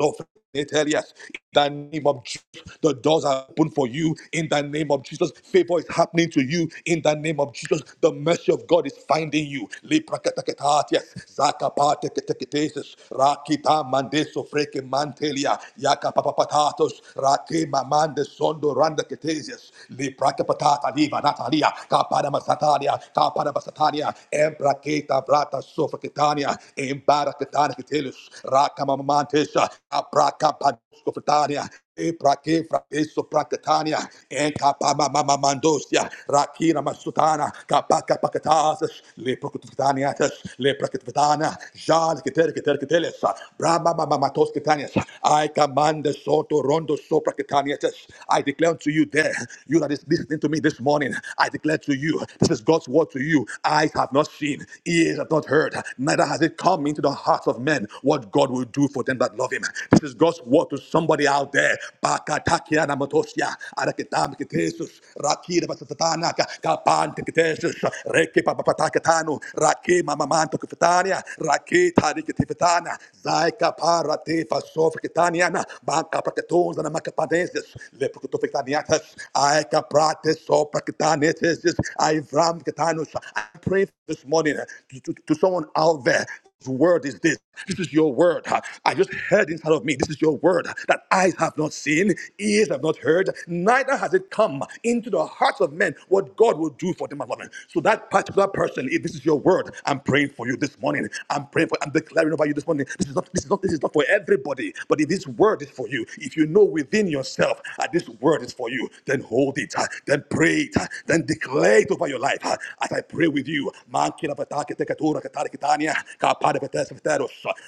Speaker 2: of. Yes, in the name of Jesus, the doors are open for you. In the name of Jesus, favor is happening to you. In the name of Jesus, the mercy of God is finding you. Leprakatakatatiyas, zakapateketeketesis, rakita mandeso freke mantelia, yakapapapatatos, rake mamande sondo randa ketesias, leprakapatata liva natalia, kapanamasatalia, kapanabasatalia, empraketa vrata sofraketania, embaraketana ketelus, rakamamantesa, Prakapatania, Eprake, Frakeso Prakatania, Enkapamamandosia, Rakina Masutana, Kapaka Pakatas, Le Prokutaniatas, Le Prakatana, Jan Keter Keter Ketelesa, Brahma Mamatos Ketanias, I command the Soto Rondo Sopra Ketaniatas. I declare unto you there, you that is listening to me this morning, I declare to you, this is God's word to you. Eyes have not seen, ears have not heard, neither has it come into the hearts of men what God will do for them that love him. This is is God's word to somebody out there. Bakatakia namatosia, arakitamiketesus, rakira basatatanaka, kapantiketesus, reke papapatakatanu, rake mamamanto kifitania, rake tariketifitana, zaika parate fasofikitaniana, banka praketons and makapadesis, leprokotofikitaniatas, aika prates soprakitanetesis, ivram ketanus. I pray this morning to, to to someone out there whose word is this. This is your word. huh? I just heard inside of me. This is your word huh? that eyes have not seen, ears have not heard, neither has it come into the hearts of men what God will do for them and women. So that particular person, if this is your word, I'm praying for you this morning. I'm praying for. I'm declaring over you this morning. This is not. This is not. This is not for everybody. But if this word is for you, if you know within yourself that this word is for you, then hold it. huh? Then pray it. huh? Then declare it faith over your life. uh, As I pray with you,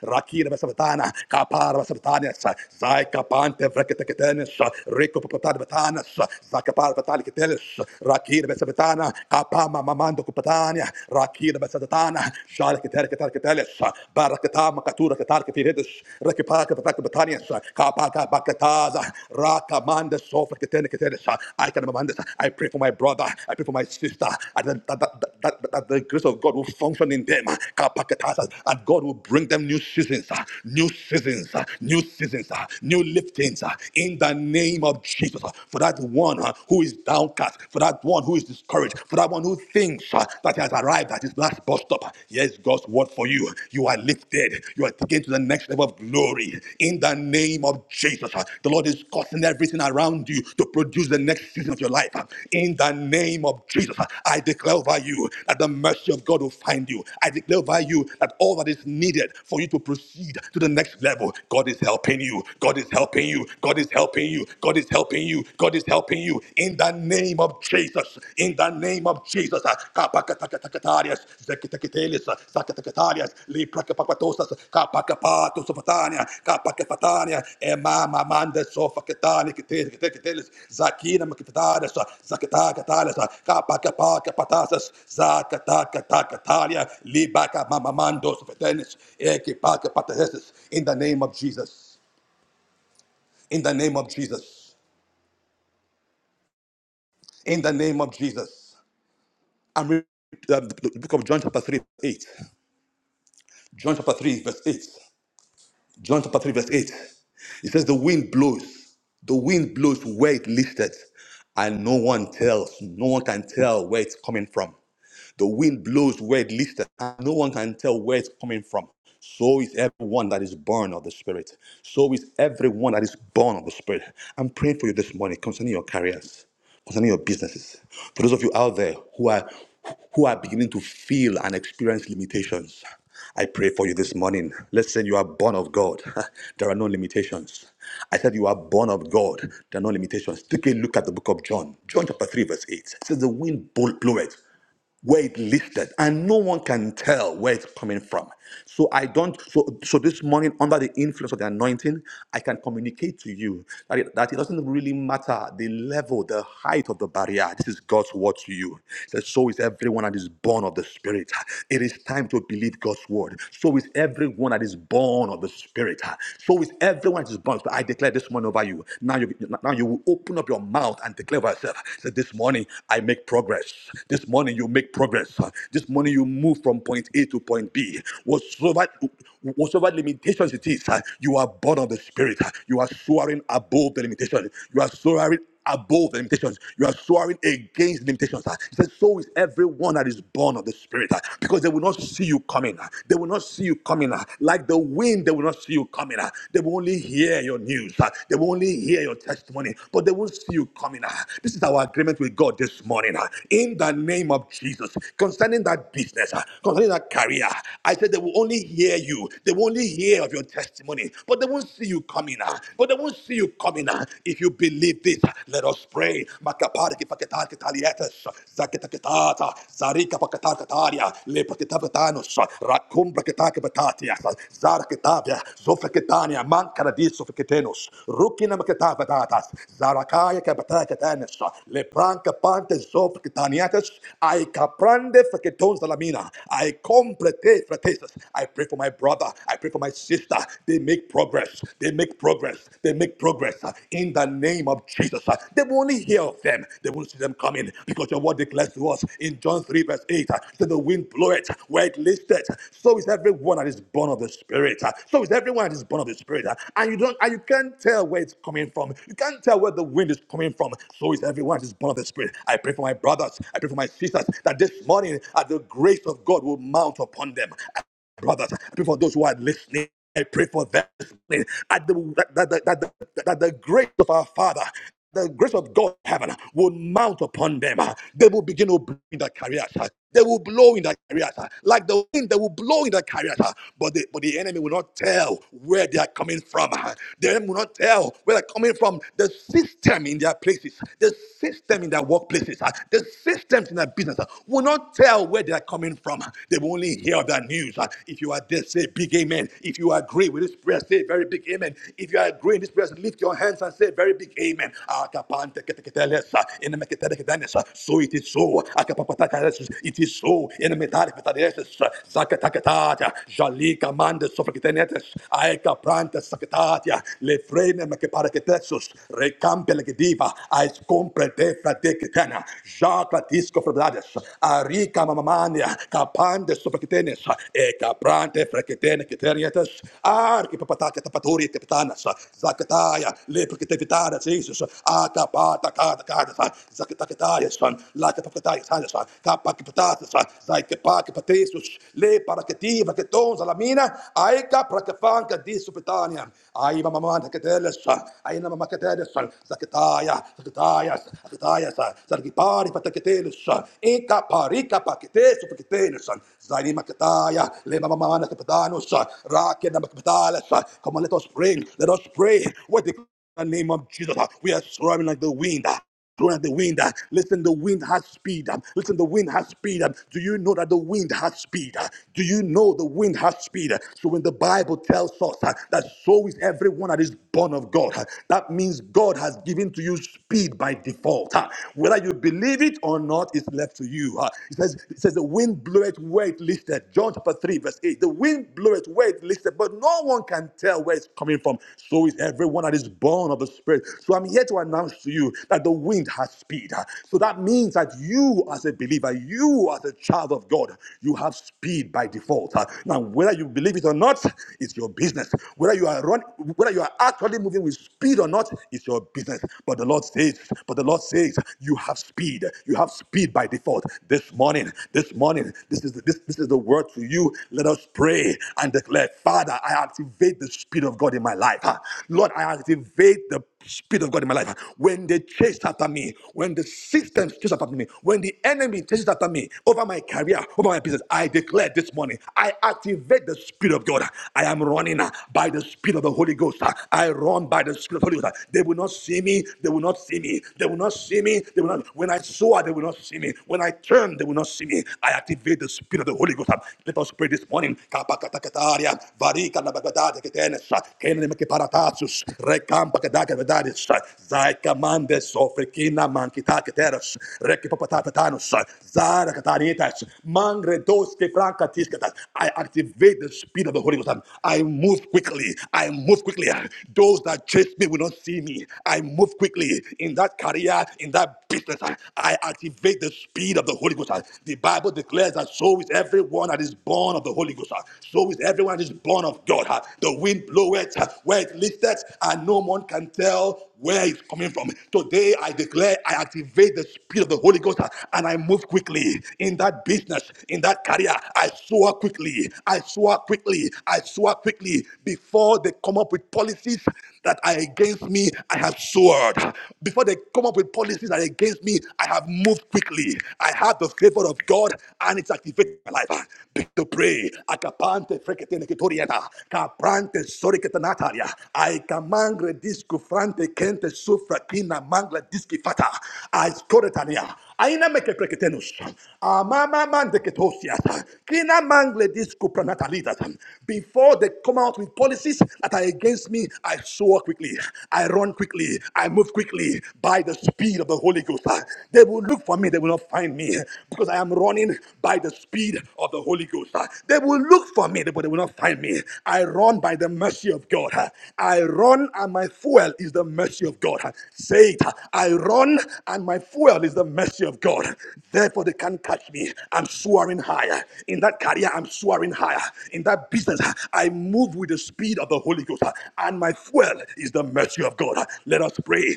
Speaker 2: Rakira Taza, Raka Manda Sofa Ketene Ketene Sa, I can command this. I pray for my brother. I pray for my sister. And that, that, that, that, that, the grace of God will function in them. Kapaketasa. And God will bring them new seasons, uh, new seasons, uh, new seasons, uh, new liftings uh, in the name of Jesus. uh, For that one uh, who is downcast, for that one who is discouraged, for that one who thinks uh, that he has arrived at his last bus stop. ah. Yes, God's God. God for you. You are lifted. You are taken to the next level of glory. In the name of Jesus, uh, the Lord is causing everything around you to produce the next season of your life. uh, In the name of Jesus, uh, I declare over you that the mercy of God will find you. I declare over you that all that is needed for you to proceed to the next level, God is helping you. God is helping you. God is helping you. God is helping you. God is helping you. In the name of Jesus, in the name of Jesus, kapakatakatarias, zekitakitelis, sakatakatarias, liprakapakatosas, kapakapatos of Patania, kapakapatania, emama mandes of Katani, kitikitelis, zakina makitarias, zakatakatalis, kapakapakapatasas, zakatakatakaria, libaka mamamandos of Atenis, ekipakapatesis, in the name of Jesus, in the name of Jesus, in the name of Jesus. I'm reading uh, the book of John chapter 3, 8. John chapter 3, verse 8. John chapter 3, verse 8. It says, The wind blows, the wind blows where it listed, and no one tells, no one can tell where it's coming from. The wind blows where it listed, and no one can tell where it's coming from. So is everyone that is born of the Spirit. So is everyone that is born of the Spirit. I'm praying for you this morning concerning your careers, concerning your businesses. For those of you out there who are who are beginning to feel and experience limitations, I pray for you this morning. Let's say you are born of God. There are no limitations. I said you are born of God. There are no limitations. Take a look at the book of John, John chapter 3, verse 8. It says the wind blow- bloweth where it listed and no one can tell where it's coming from so i don't so so this morning under the influence of the anointing i can communicate to you that it, that it doesn't really matter the level the height of the barrier this is god's word to you It says, so is everyone that is born of the spirit it is time to believe god's word so is everyone that is born of the spirit so is everyone that is born but i declare this morning over you now you now you will open up your mouth and declare for yourself. Say, this morning I make progress. This morning you make progress. This morning you move from point A to point B. Whatsoever, whatsoever limitations it is, you are born of the Spirit. You are soaring above the limitation. You are soaring above the limitations. You are swearing against limitations. ah. He said, So is everyone that is born of the Spirit, ah, because they will not see you coming. ah. They will not see you coming. ah. Like the wind, they will not see you coming. ah. They will only hear your news. ah. They will only hear your testimony, but they won't see you coming. ah. This is our agreement with God this morning. ah. In the name of Jesus, concerning that business, ah, concerning that career, I said they will only hear you. They will only hear of your testimony, but they won't see you coming. ah. But they won't won't see you coming uh, if you believe this. Let us pray. Makapariki paketar talietes, zaketaketata zarika pakatakataria, lepakitapetanos, rakumbra kitaki patatias, zarakitavia, zofreketania, mankaradi sofreketenos, rukina maketavatatas, zarakaya kapatakatanes, lepranka pantes zofreketaniates, aikaprande freketons dalamina, aikomprete fretesas. I pray for my brother. I pray for my sister uh, They make progress. They make progress. They make progress uh, in the name of Jesus. uh. They will only hear of them. They will see them coming because your word declares to us in John 3, verse 8 uh, that the wind bloweth where it listeth. So is everyone that is born of the Spirit. uh. So is everyone that is born of the Spirit. uh. And you don't and you can't tell where it's coming from. You can't tell where the wind is coming from. So is everyone that is born of the Spirit. I pray for my brothers. I pray for my sisters that this morning uh, the grace of God will mount upon them brothers. I pray for those who are listening. I pray for them listening. At the, that, that, that, that, that the grace of our Father, the grace of God in heaven will mount upon them. They will begin to blow in their careers. They will blow in their careers. Like the wind, they will blow in their careers. But the, but the enemy will not tell where they are coming from. The enemy will not tell where they're coming from. The system in their places, the system in their workplaces, the systems in their business will not tell where they are coming from. They will only hear that news. Uh, If you are there, say a big amen. If you agree with this prayer, say a very big amen. If you agree in this prayer, lift your hands and say a very big amen. Akapante keteketeles, uh, uh, So it is so. Akapapatakares, It is so. Enemetarepetadeses, uh, Rika mamamania, kapande sopraketenes, e caprante freketene keterietes, arki papatake tapaturi tepetanas, zakataya, lepreketevitana, Jesus, akapata kata kata, zakatakataya, son, laka papataya, sanas, kapaki patatas, zaikapaki patesus, le paraketiva ketons alamina, aika prakafanka disupetania, ai mamamanta keteles, ai namamakatedes, zakataya, zakataya, zakataya, zargipari son. Inca parica paquete supaquete son. Zaima kataya lema mamana kapatano son. Rakia nama son. Come on, let us pray. Let us pray. What the name of Jesus. We are swarming like the wind. Blowing at the wind. uh, Listen, the wind has speed. um, Listen, the wind has speed. um, Do you know that the wind has speed? uh, Do you know the wind has speed? uh, So when the Bible tells us uh, that so is everyone that is born of God, uh, that means God has given to you speed by default fault. huh? Whether you believe it or not, it's left to you. huh? It says, it says the wind bloweth where it listeth. John chapter 3, verse 8. The wind bloweth where it listeth, but no one can tell where it's coming from. So is everyone that is born of the Spirit. So I'm here to announce to you that the wind has speed. huh? So that means that you as a believer, you as a child of God, you have speed by default. huh? Now, whether you believe it or not, it's your business. Whether you are run, whether you are actually moving with speed or not, it's your business. But the Lord says, but the Lord says, you have speed. You have speed by default. This morning, this morning, this is the, this, this is the word to you. Let us pray and declare, Father, I activate the speed of God in my life. Ah, Lord, I activate the speed of God in my life. When they chased after me, when the systems chased after me, when the enemy chases after me over my career, over my business, I declare this morning, I activate the speed of God. I am running uh, by the speed of the Holy Ghost. uh, I run by the somebody was like, they will not see me, they will not see me, they will not see me, they will not. When I soar, they will not see me. When I turn, they will not see me. I activate the spirit of the Holy Ghost. Let us pray this morning. Kapakatakataria, varikanabagadadaketenes, kenemekeparatasus, rekampakadakadadadis, zaikamandes, ofrekinamankitakiteres, rekipapatatatanus, zarakatanitas, mangredoskefrankatisketas. I activate the spirit of the Holy Ghost. I move quickly. I move move quickly. Those that chase me will not see me. I move quickly in that career, in that business. I activate the speed of the Holy Ghost. The Bible declares that so is everyone that is born of the Holy Ghost. So is everyone that is born of God. The wind bloweth where it listeth, and no one can tell where it's coming from. Today, I declare I activate the speed of the Holy Ghost uh, and I move quickly in that business, in that career. I soar quickly. I soar quickly. I soar quickly before they come up with policies that are against me. I have soared. Before they come up with policies that are against me, I have moved quickly. I have the favor of God and it's activated my life. Begin to pray. Akapante frekete nekitorieta. Kaprante soriketanataria. I command redisco frante kente sufra kina mangla diskifata. I scoretania. Aina mekekreketenus. Amama mandeketosias. Kina mangle discupranatalidas. Before they come out with policies that are against me, I soar quickly. I run quickly. I move quickly by the speed of the Holy Ghost. They will look for me. They will not find me because I am running by the speed of the Holy Ghost. They will look for me, but they will not find me. I run by the mercy of God. I run and my fuel is the mercy of God. Say it. I run and my fuel is the the mercy of God. Therefore, they can't touch me. I'm soaring higher. In that career, I'm soaring higher. In that business, I move with the speed of the Holy Ghost. And my fuel is the mercy of God. Let us pray.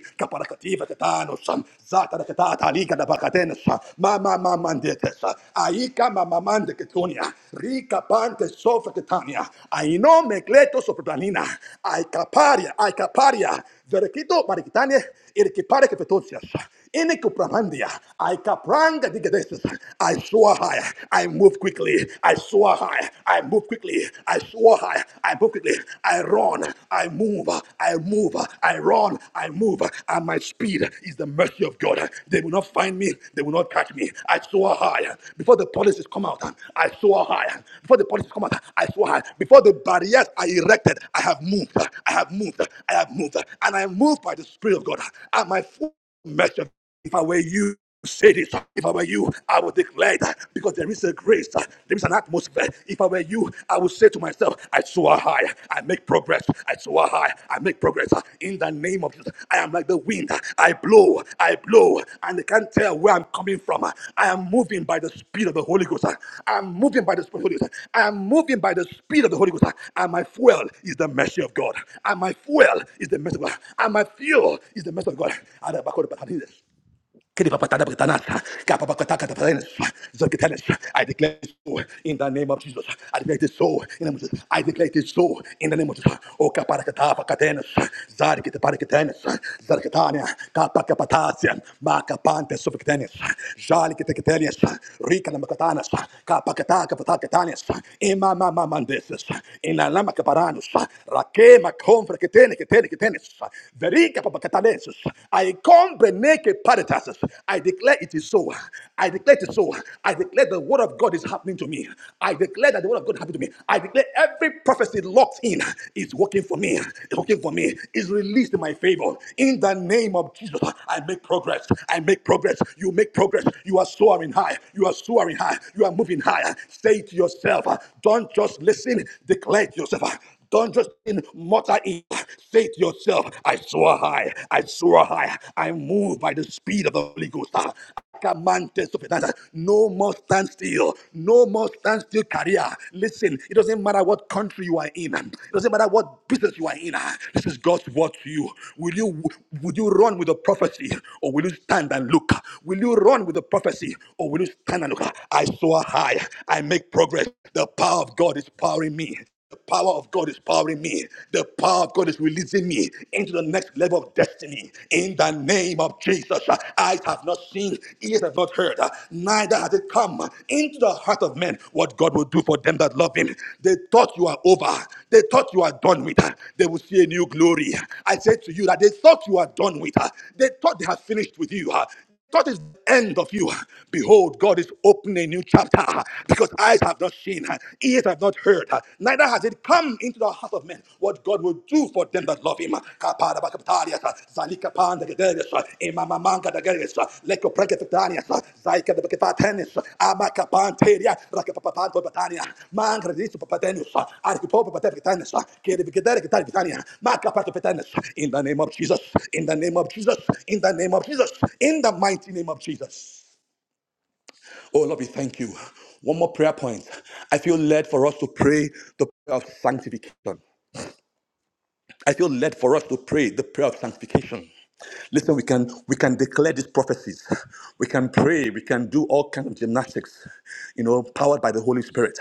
Speaker 2: mama mama aika mama ketonia, rika pante sofa aino mekleto sopratanina, aikaparia, aikaparia, verekito marikitane, irikipare kepetosias. Inekupramandia, I kapranga digadesis. I soar high, I move quickly. I soar high, I move quickly. I soar high, I move quickly. I run, I move, I move, I run, I move. And my speed is the mercy of God. They will not find me, they will not catch me. I soar high. Before the policies come out, I soar high. Before the policies come out, I soar high. Before the barriers are erected, I have moved, I have moved, I have moved. And I move by the Spirit of God. And my foot Master, if I were you, say this. If I were you, I would declare that because there is a grace, there is an atmosphere. If I were you, I would say to myself, I soar high, I make progress, I soar high, I make progress. In the name of Jesus, I am like the wind, I blow, I blow, and they can't tell where I'm coming from. I am moving by the speed of the Holy Ghost. I am moving by the speed of the Holy Ghost. I am moving by the speed of the Holy Ghost. And my fuel is the mercy of God. And my fuel is the mercy of God. And my fuel is the mercy of God. I declare it so in the name of Jesus. I declare it so in the name of Jesus. I declare it so in the name of Jesus. O kaparakatapa katenas, zari kete parakitenes, zarketania, kapa kapatasia, maka jali kete rika namakatanas, kapa kataka patakatanes, ima mama kaparanus, rakema konfra ketene ketene ketenes, verika Catadenses. I comprehend paritatis. I declare it is so. I declare it is so. I declare the word of God is happening to me. I declare that the word of God happened to me. I declare every prophecy locked in is working for me. It's working for me. Is released in my favor. In the name of Jesus, I make progress. I make progress. You make progress. You are soaring high. You are soaring high. You are moving higher. Say it to yourself. Don't just listen. Declare it to yourself. Don't just in mutter it. Say to yourself, I soar high, I soar high, I move by the speed of the Holy Ghost. Ah, I command this to be done. No more stand still. No more stand still career. Listen, it doesn't matter what country you are in. It doesn't matter what business you are in. Ah, This is God's word to you. Will you would you run with the prophecy or will you stand and look? Will you run with the prophecy or will you stand and look? Ah, I soar high. I make progress. The power of God is powering me. The power of God is powering me. The power of God is releasing me into the next level of destiny. In the name of Jesus, eyes have not seen, ears have not heard, neither has it come into the heart of men what God will do for them that love Him. They thought you are over. They thought you are done with. They will see a new glory. I said to you that they thought you are done with. They thought they have finished with you thought is the end of you. Behold, God is opening a new chapter because eyes have not seen, ears have not heard, neither has it come into the heart of men what God will do for them that love Him. Kaparabakaptarias, zalikapandagaderes, imamamangadageres, Rakatania, Zaika the Bakatanis, Abakapanteria, Rakapapanto Batania, Mancradis Papatenus, Archipopa Patapitanis, Kiribikatania, Macapato Petanis, in the name of Jesus, in the name of Jesus, in the name of Jesus, in the mighty name of Jesus. Oh Lord, we thank you. One more prayer point. I feel led for us to pray the prayer of sanctification. I feel led for us to pray the prayer of sanctification. Listen, we can we can declare these prophecies. We can pray. We can do all kinds of gymnastics, you know, powered by the Holy Spirit.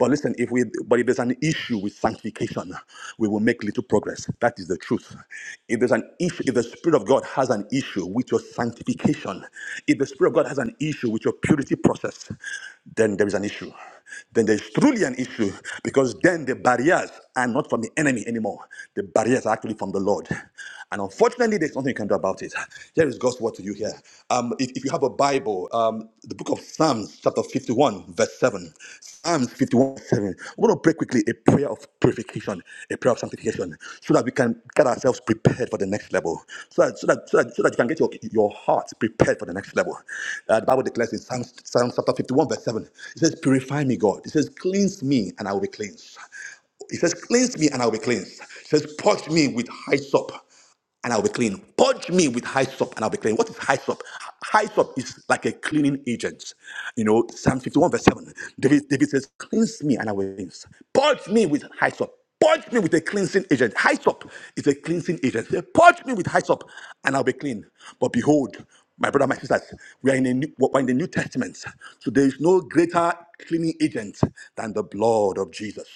Speaker 2: But listen, if we but if there's an issue with sanctification, we will make little progress. That is the truth. If there's an issue, if the Spirit of God has an issue with your sanctification, if the Spirit of God has an issue with your purity process, then there is an issue then there's truly an issue because then the barriers are not from the enemy anymore. The barriers are actually from the Lord. And unfortunately, there's nothing you can do about it. Here is God's word to you here. Um, if, if you have a Bible, um, the book of Psalms, chapter 51, verse 7. Psalms 51, 7. I'm going to pray quickly a prayer of purification, a prayer of sanctification, so that we can get ourselves prepared for the next level, so that, so that, so that, so that you can get your, your heart prepared for the next level. Uh, the Bible declares in Psalms, Psalms chapter chapter 51, verse 7. It says, Purify me, God. It says, Cleanse me, and I will be cleansed. It says, Cleanse me, and I will be cleansed. It says, Purge me with hyssop, and I'll be clean. Purge me with hyssop and I'll be clean. What is hyssop? Hyssop is like a cleaning agent. You know, Psalm 51, verse 7. David, David says, Cleanse me and I will be cleansed. Purge me with hyssop. Purge me with a cleansing agent. Hyssop is a cleansing agent. Say, Purge me with hyssop and I'll be clean. But behold, my brother, my sisters, we are in, a new, we're in the New Testament. So there is no greater cleaning agent than the blood of Jesus.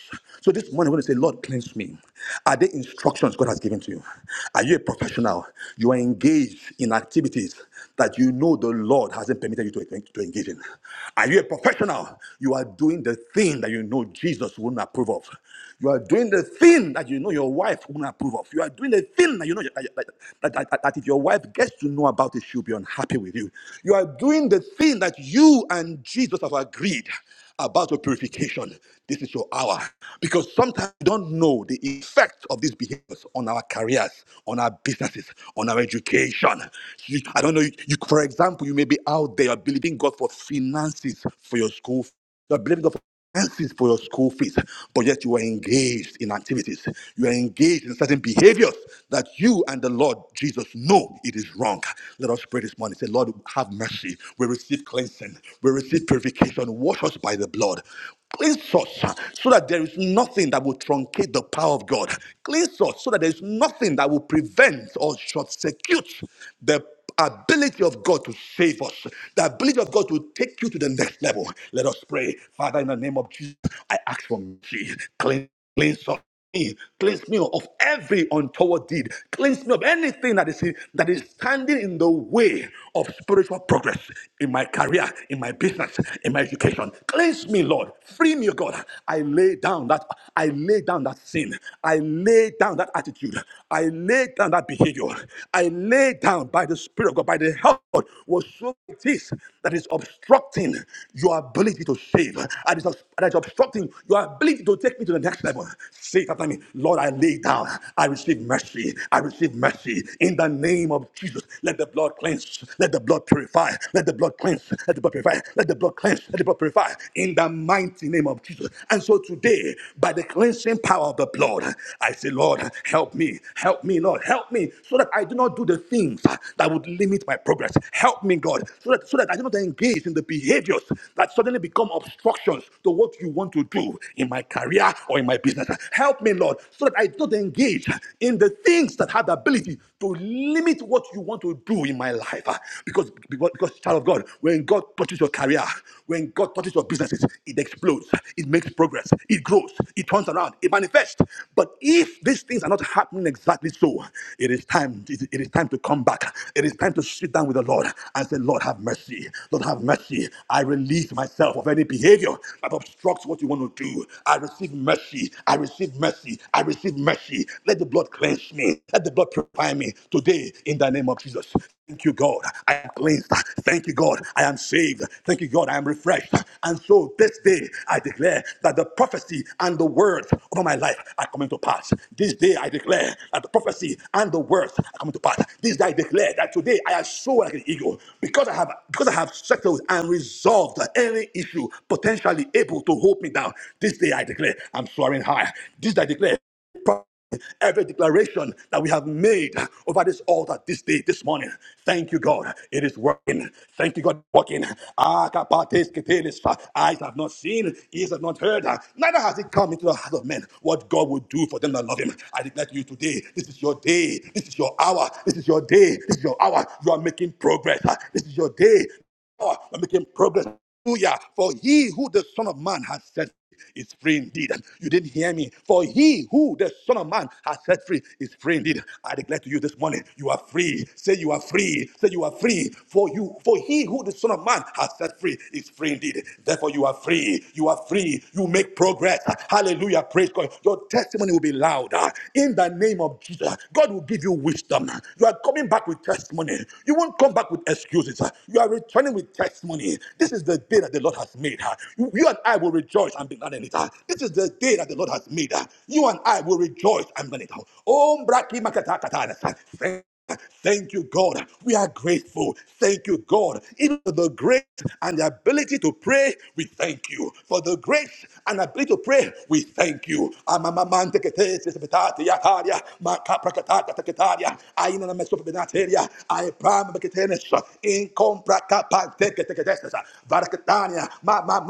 Speaker 2: So this morning, we're going to say, Lord, cleanse me. Are there instructions God has given to you? Are you a professional? You are engaged in activities that you know the Lord hasn't permitted you to, to engage in. Are you a professional? You are doing the thing that you know Jesus wouldn't approve of. You are doing the thing that you know your wife won't approve of. You are doing the thing that you know that, that, that, that, that if your wife gets to know about it, she'll be unhappy with you. You are doing the thing that you and Jesus have agreed about your purification. This is your hour. Because sometimes we don't know the effect of these behaviors on our careers, on our businesses, on our education. You- I don't know. You, you- for example, you may be out there you believing God for finances for your school you're blaming God for finances for your school fees, but yet you are engaged in activities. You are engaged in certain behaviors that you and the Lord Jesus know it is wrong. Let us pray this morning. Say, Lord, have mercy. We receive cleansing. We receive purification. Wash us by the blood. Cleanse us so that there is nothing that will truncate the power of God. Cleanse us so that there is nothing that will prevent or short circuit the ability of God to save us, the ability of God to take you to the next level. Let us pray. Father, in the name of Jesus, I ask for mercy. Cleanse, cleanse us. me. Cleanse me of every untoward deed. Cleanse me of anything that is that is standing in the way of spiritual progress in my career, in my business, in my education. Cleanse me, Lord. Free me, O God. I lay down that I lay down that sin. I lay down that attitude. I lay down that behavior. I lay down down by the Spirit of God, by the help of God, whatsoever it is that is obstructing your ability to save, and that is obstructing your ability to take me to the next level. Say it after me, Lord, I lay down, I receive mercy, I receive mercy in the name of Jesus. Let the blood cleanse, let the blood purify, let the blood cleanse, let the blood purify, let the blood cleanse, let the blood purify in the mighty name of Jesus. And so today, by the cleansing power of the blood, I say, Lord, help me, help me, Lord, help me, so that I do not do the thing things uh, that would limit my progress. Help me, God, so that, so that I do not engage in the behaviors that suddenly become obstructions to what you want to do in my career or in my business. Help me, Lord, so that I do not engage in the things that have the ability to limit what you want to do in my life. Uh, Because, because, because child of God, when God touches your career, when God touches your businesses, it explodes, it makes progress, it grows, it turns around, it manifests. But if these things are not happening exactly so, it is time. it is it is time time to come back. It is time to sit down with the Lord and say, Lord, have mercy. Lord, have mercy. I release myself of any behavior that obstructs what you want to do. I receive mercy. I receive mercy. I receive mercy. Let the blood cleanse me. Let the blood purify me today in the name of Jesus. Thank you, God. I am cleansed. Thank you, God. I am saved. Thank you, God. I am refreshed. And so this day I declare that the prophecy and the words over my life are coming to pass. This day I declare that the prophecy and the words are coming to pass to pass. This I declare that today I am so like an eagle because I have because I have settled and resolved any issue potentially able to hold me down. This day I declare I'm soaring high. This I declare every declaration that we have made over this altar this day, this morning. Thank you, God. It is working. Thank you, God, working. Ah, kapates ketelis. Eyes have not seen, ears have not heard, ah. neither has it come into the heart of men what God will do for them that love Him. I declare to you today, this is your day. This is your your hour. This is your day. This is your hour. You are making progress. huh? This is your day. Oh, You are making progress. Hallelujah. For he who the Son of Man has set is free indeed. You didn't hear me. For he who the Son of Man has set free is free indeed. I declare to you this morning, you are free. Say you are free. Say you are free. For you, for he who the Son of Man has set free is free indeed. Therefore, you are free. You are free. You make progress. Hallelujah. Praise God. Your testimony will be louder. In the name of Jesus, God will give you you wisdom. You are coming back with testimony. You won't come back with excuses. You are returning with testimony. This is the day that the Lord has made. You you and I will rejoice and be glad in it. This is the day that the Lord has made. You and I will rejoice and be glad in it. Oh, Mbraki Makatakatanas. Thank you, God. We are grateful. Thank you, God. Even for the grace and the ability to pray, we thank you. For the grace and ability to pray, we thank you. Amamamanteketesesepetatiataria, makaprakatatakatataria, ainanamesopenateria, aipameketenesa, inkomprakapakteketeketesesa, varaketania, mamamantepetesesa,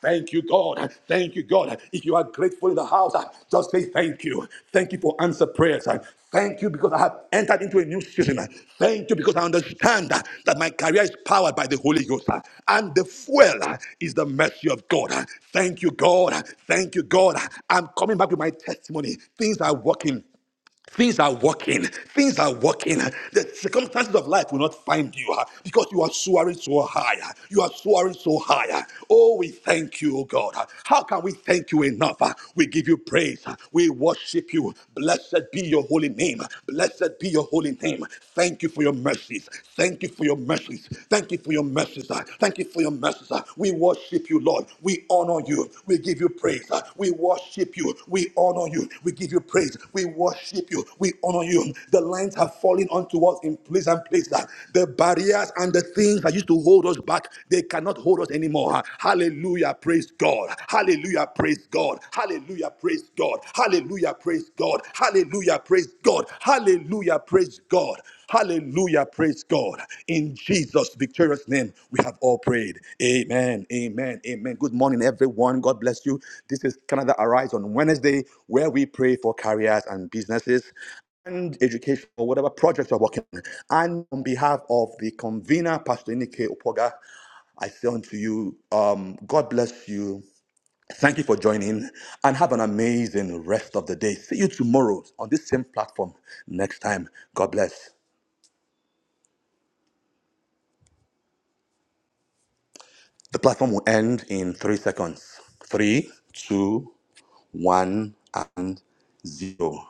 Speaker 2: Thank you, God. Thank you, God. If you are grateful in the house, just say thank you. Thank you for answer prayers. Thank you because I have entered into a new season. Thank you because I understand that that my career is powered by the Holy Ghost. And the fuel is the mercy of God. Thank you, God. Thank you, God. I'm coming back with my testimony. Things are working. Things are working. Things are working. The circumstances of life will not find you uh, because you are soaring so high. uh, You are soaring so high. uh. Oh, we thank you, oh God. uh. How can we thank you enough? uh? We give you praise. uh. We worship you. Blessed be your holy name. Blessed be your holy name. Thank you for your mercies. Thank you for your mercies. Thank you for your mercies. uh. Thank you for your mercies. uh. We worship worship you, Lord. We honor you. We give you praise. We worship you. We honor you. We give you praise. We worship you. We honor you. The lines have fallen onto us in place and place. The barriers and the things that used to hold us back, they cannot hold us anymore. Hallelujah. Praise God. Hallelujah. Praise God. Hallelujah. Praise God. Hallelujah. Praise God. Hallelujah. Praise God. Hallelujah. Praise God. Hallelujah. Praise God. In Jesus' victorious name, we have all prayed. Amen. Amen. Amen. Good morning, everyone. God bless you. This is Canada Arise on Wednesday, where we pray for careers and businesses and education or whatever projects you're working on. And on behalf of the convener, Pastor Nike Opoga, I say unto you, um, God bless you. Thank you for joining and have an amazing rest of the day. See you tomorrow on this same platform next time. God bless. The platform will end in three seconds. Three, two, one, and zero.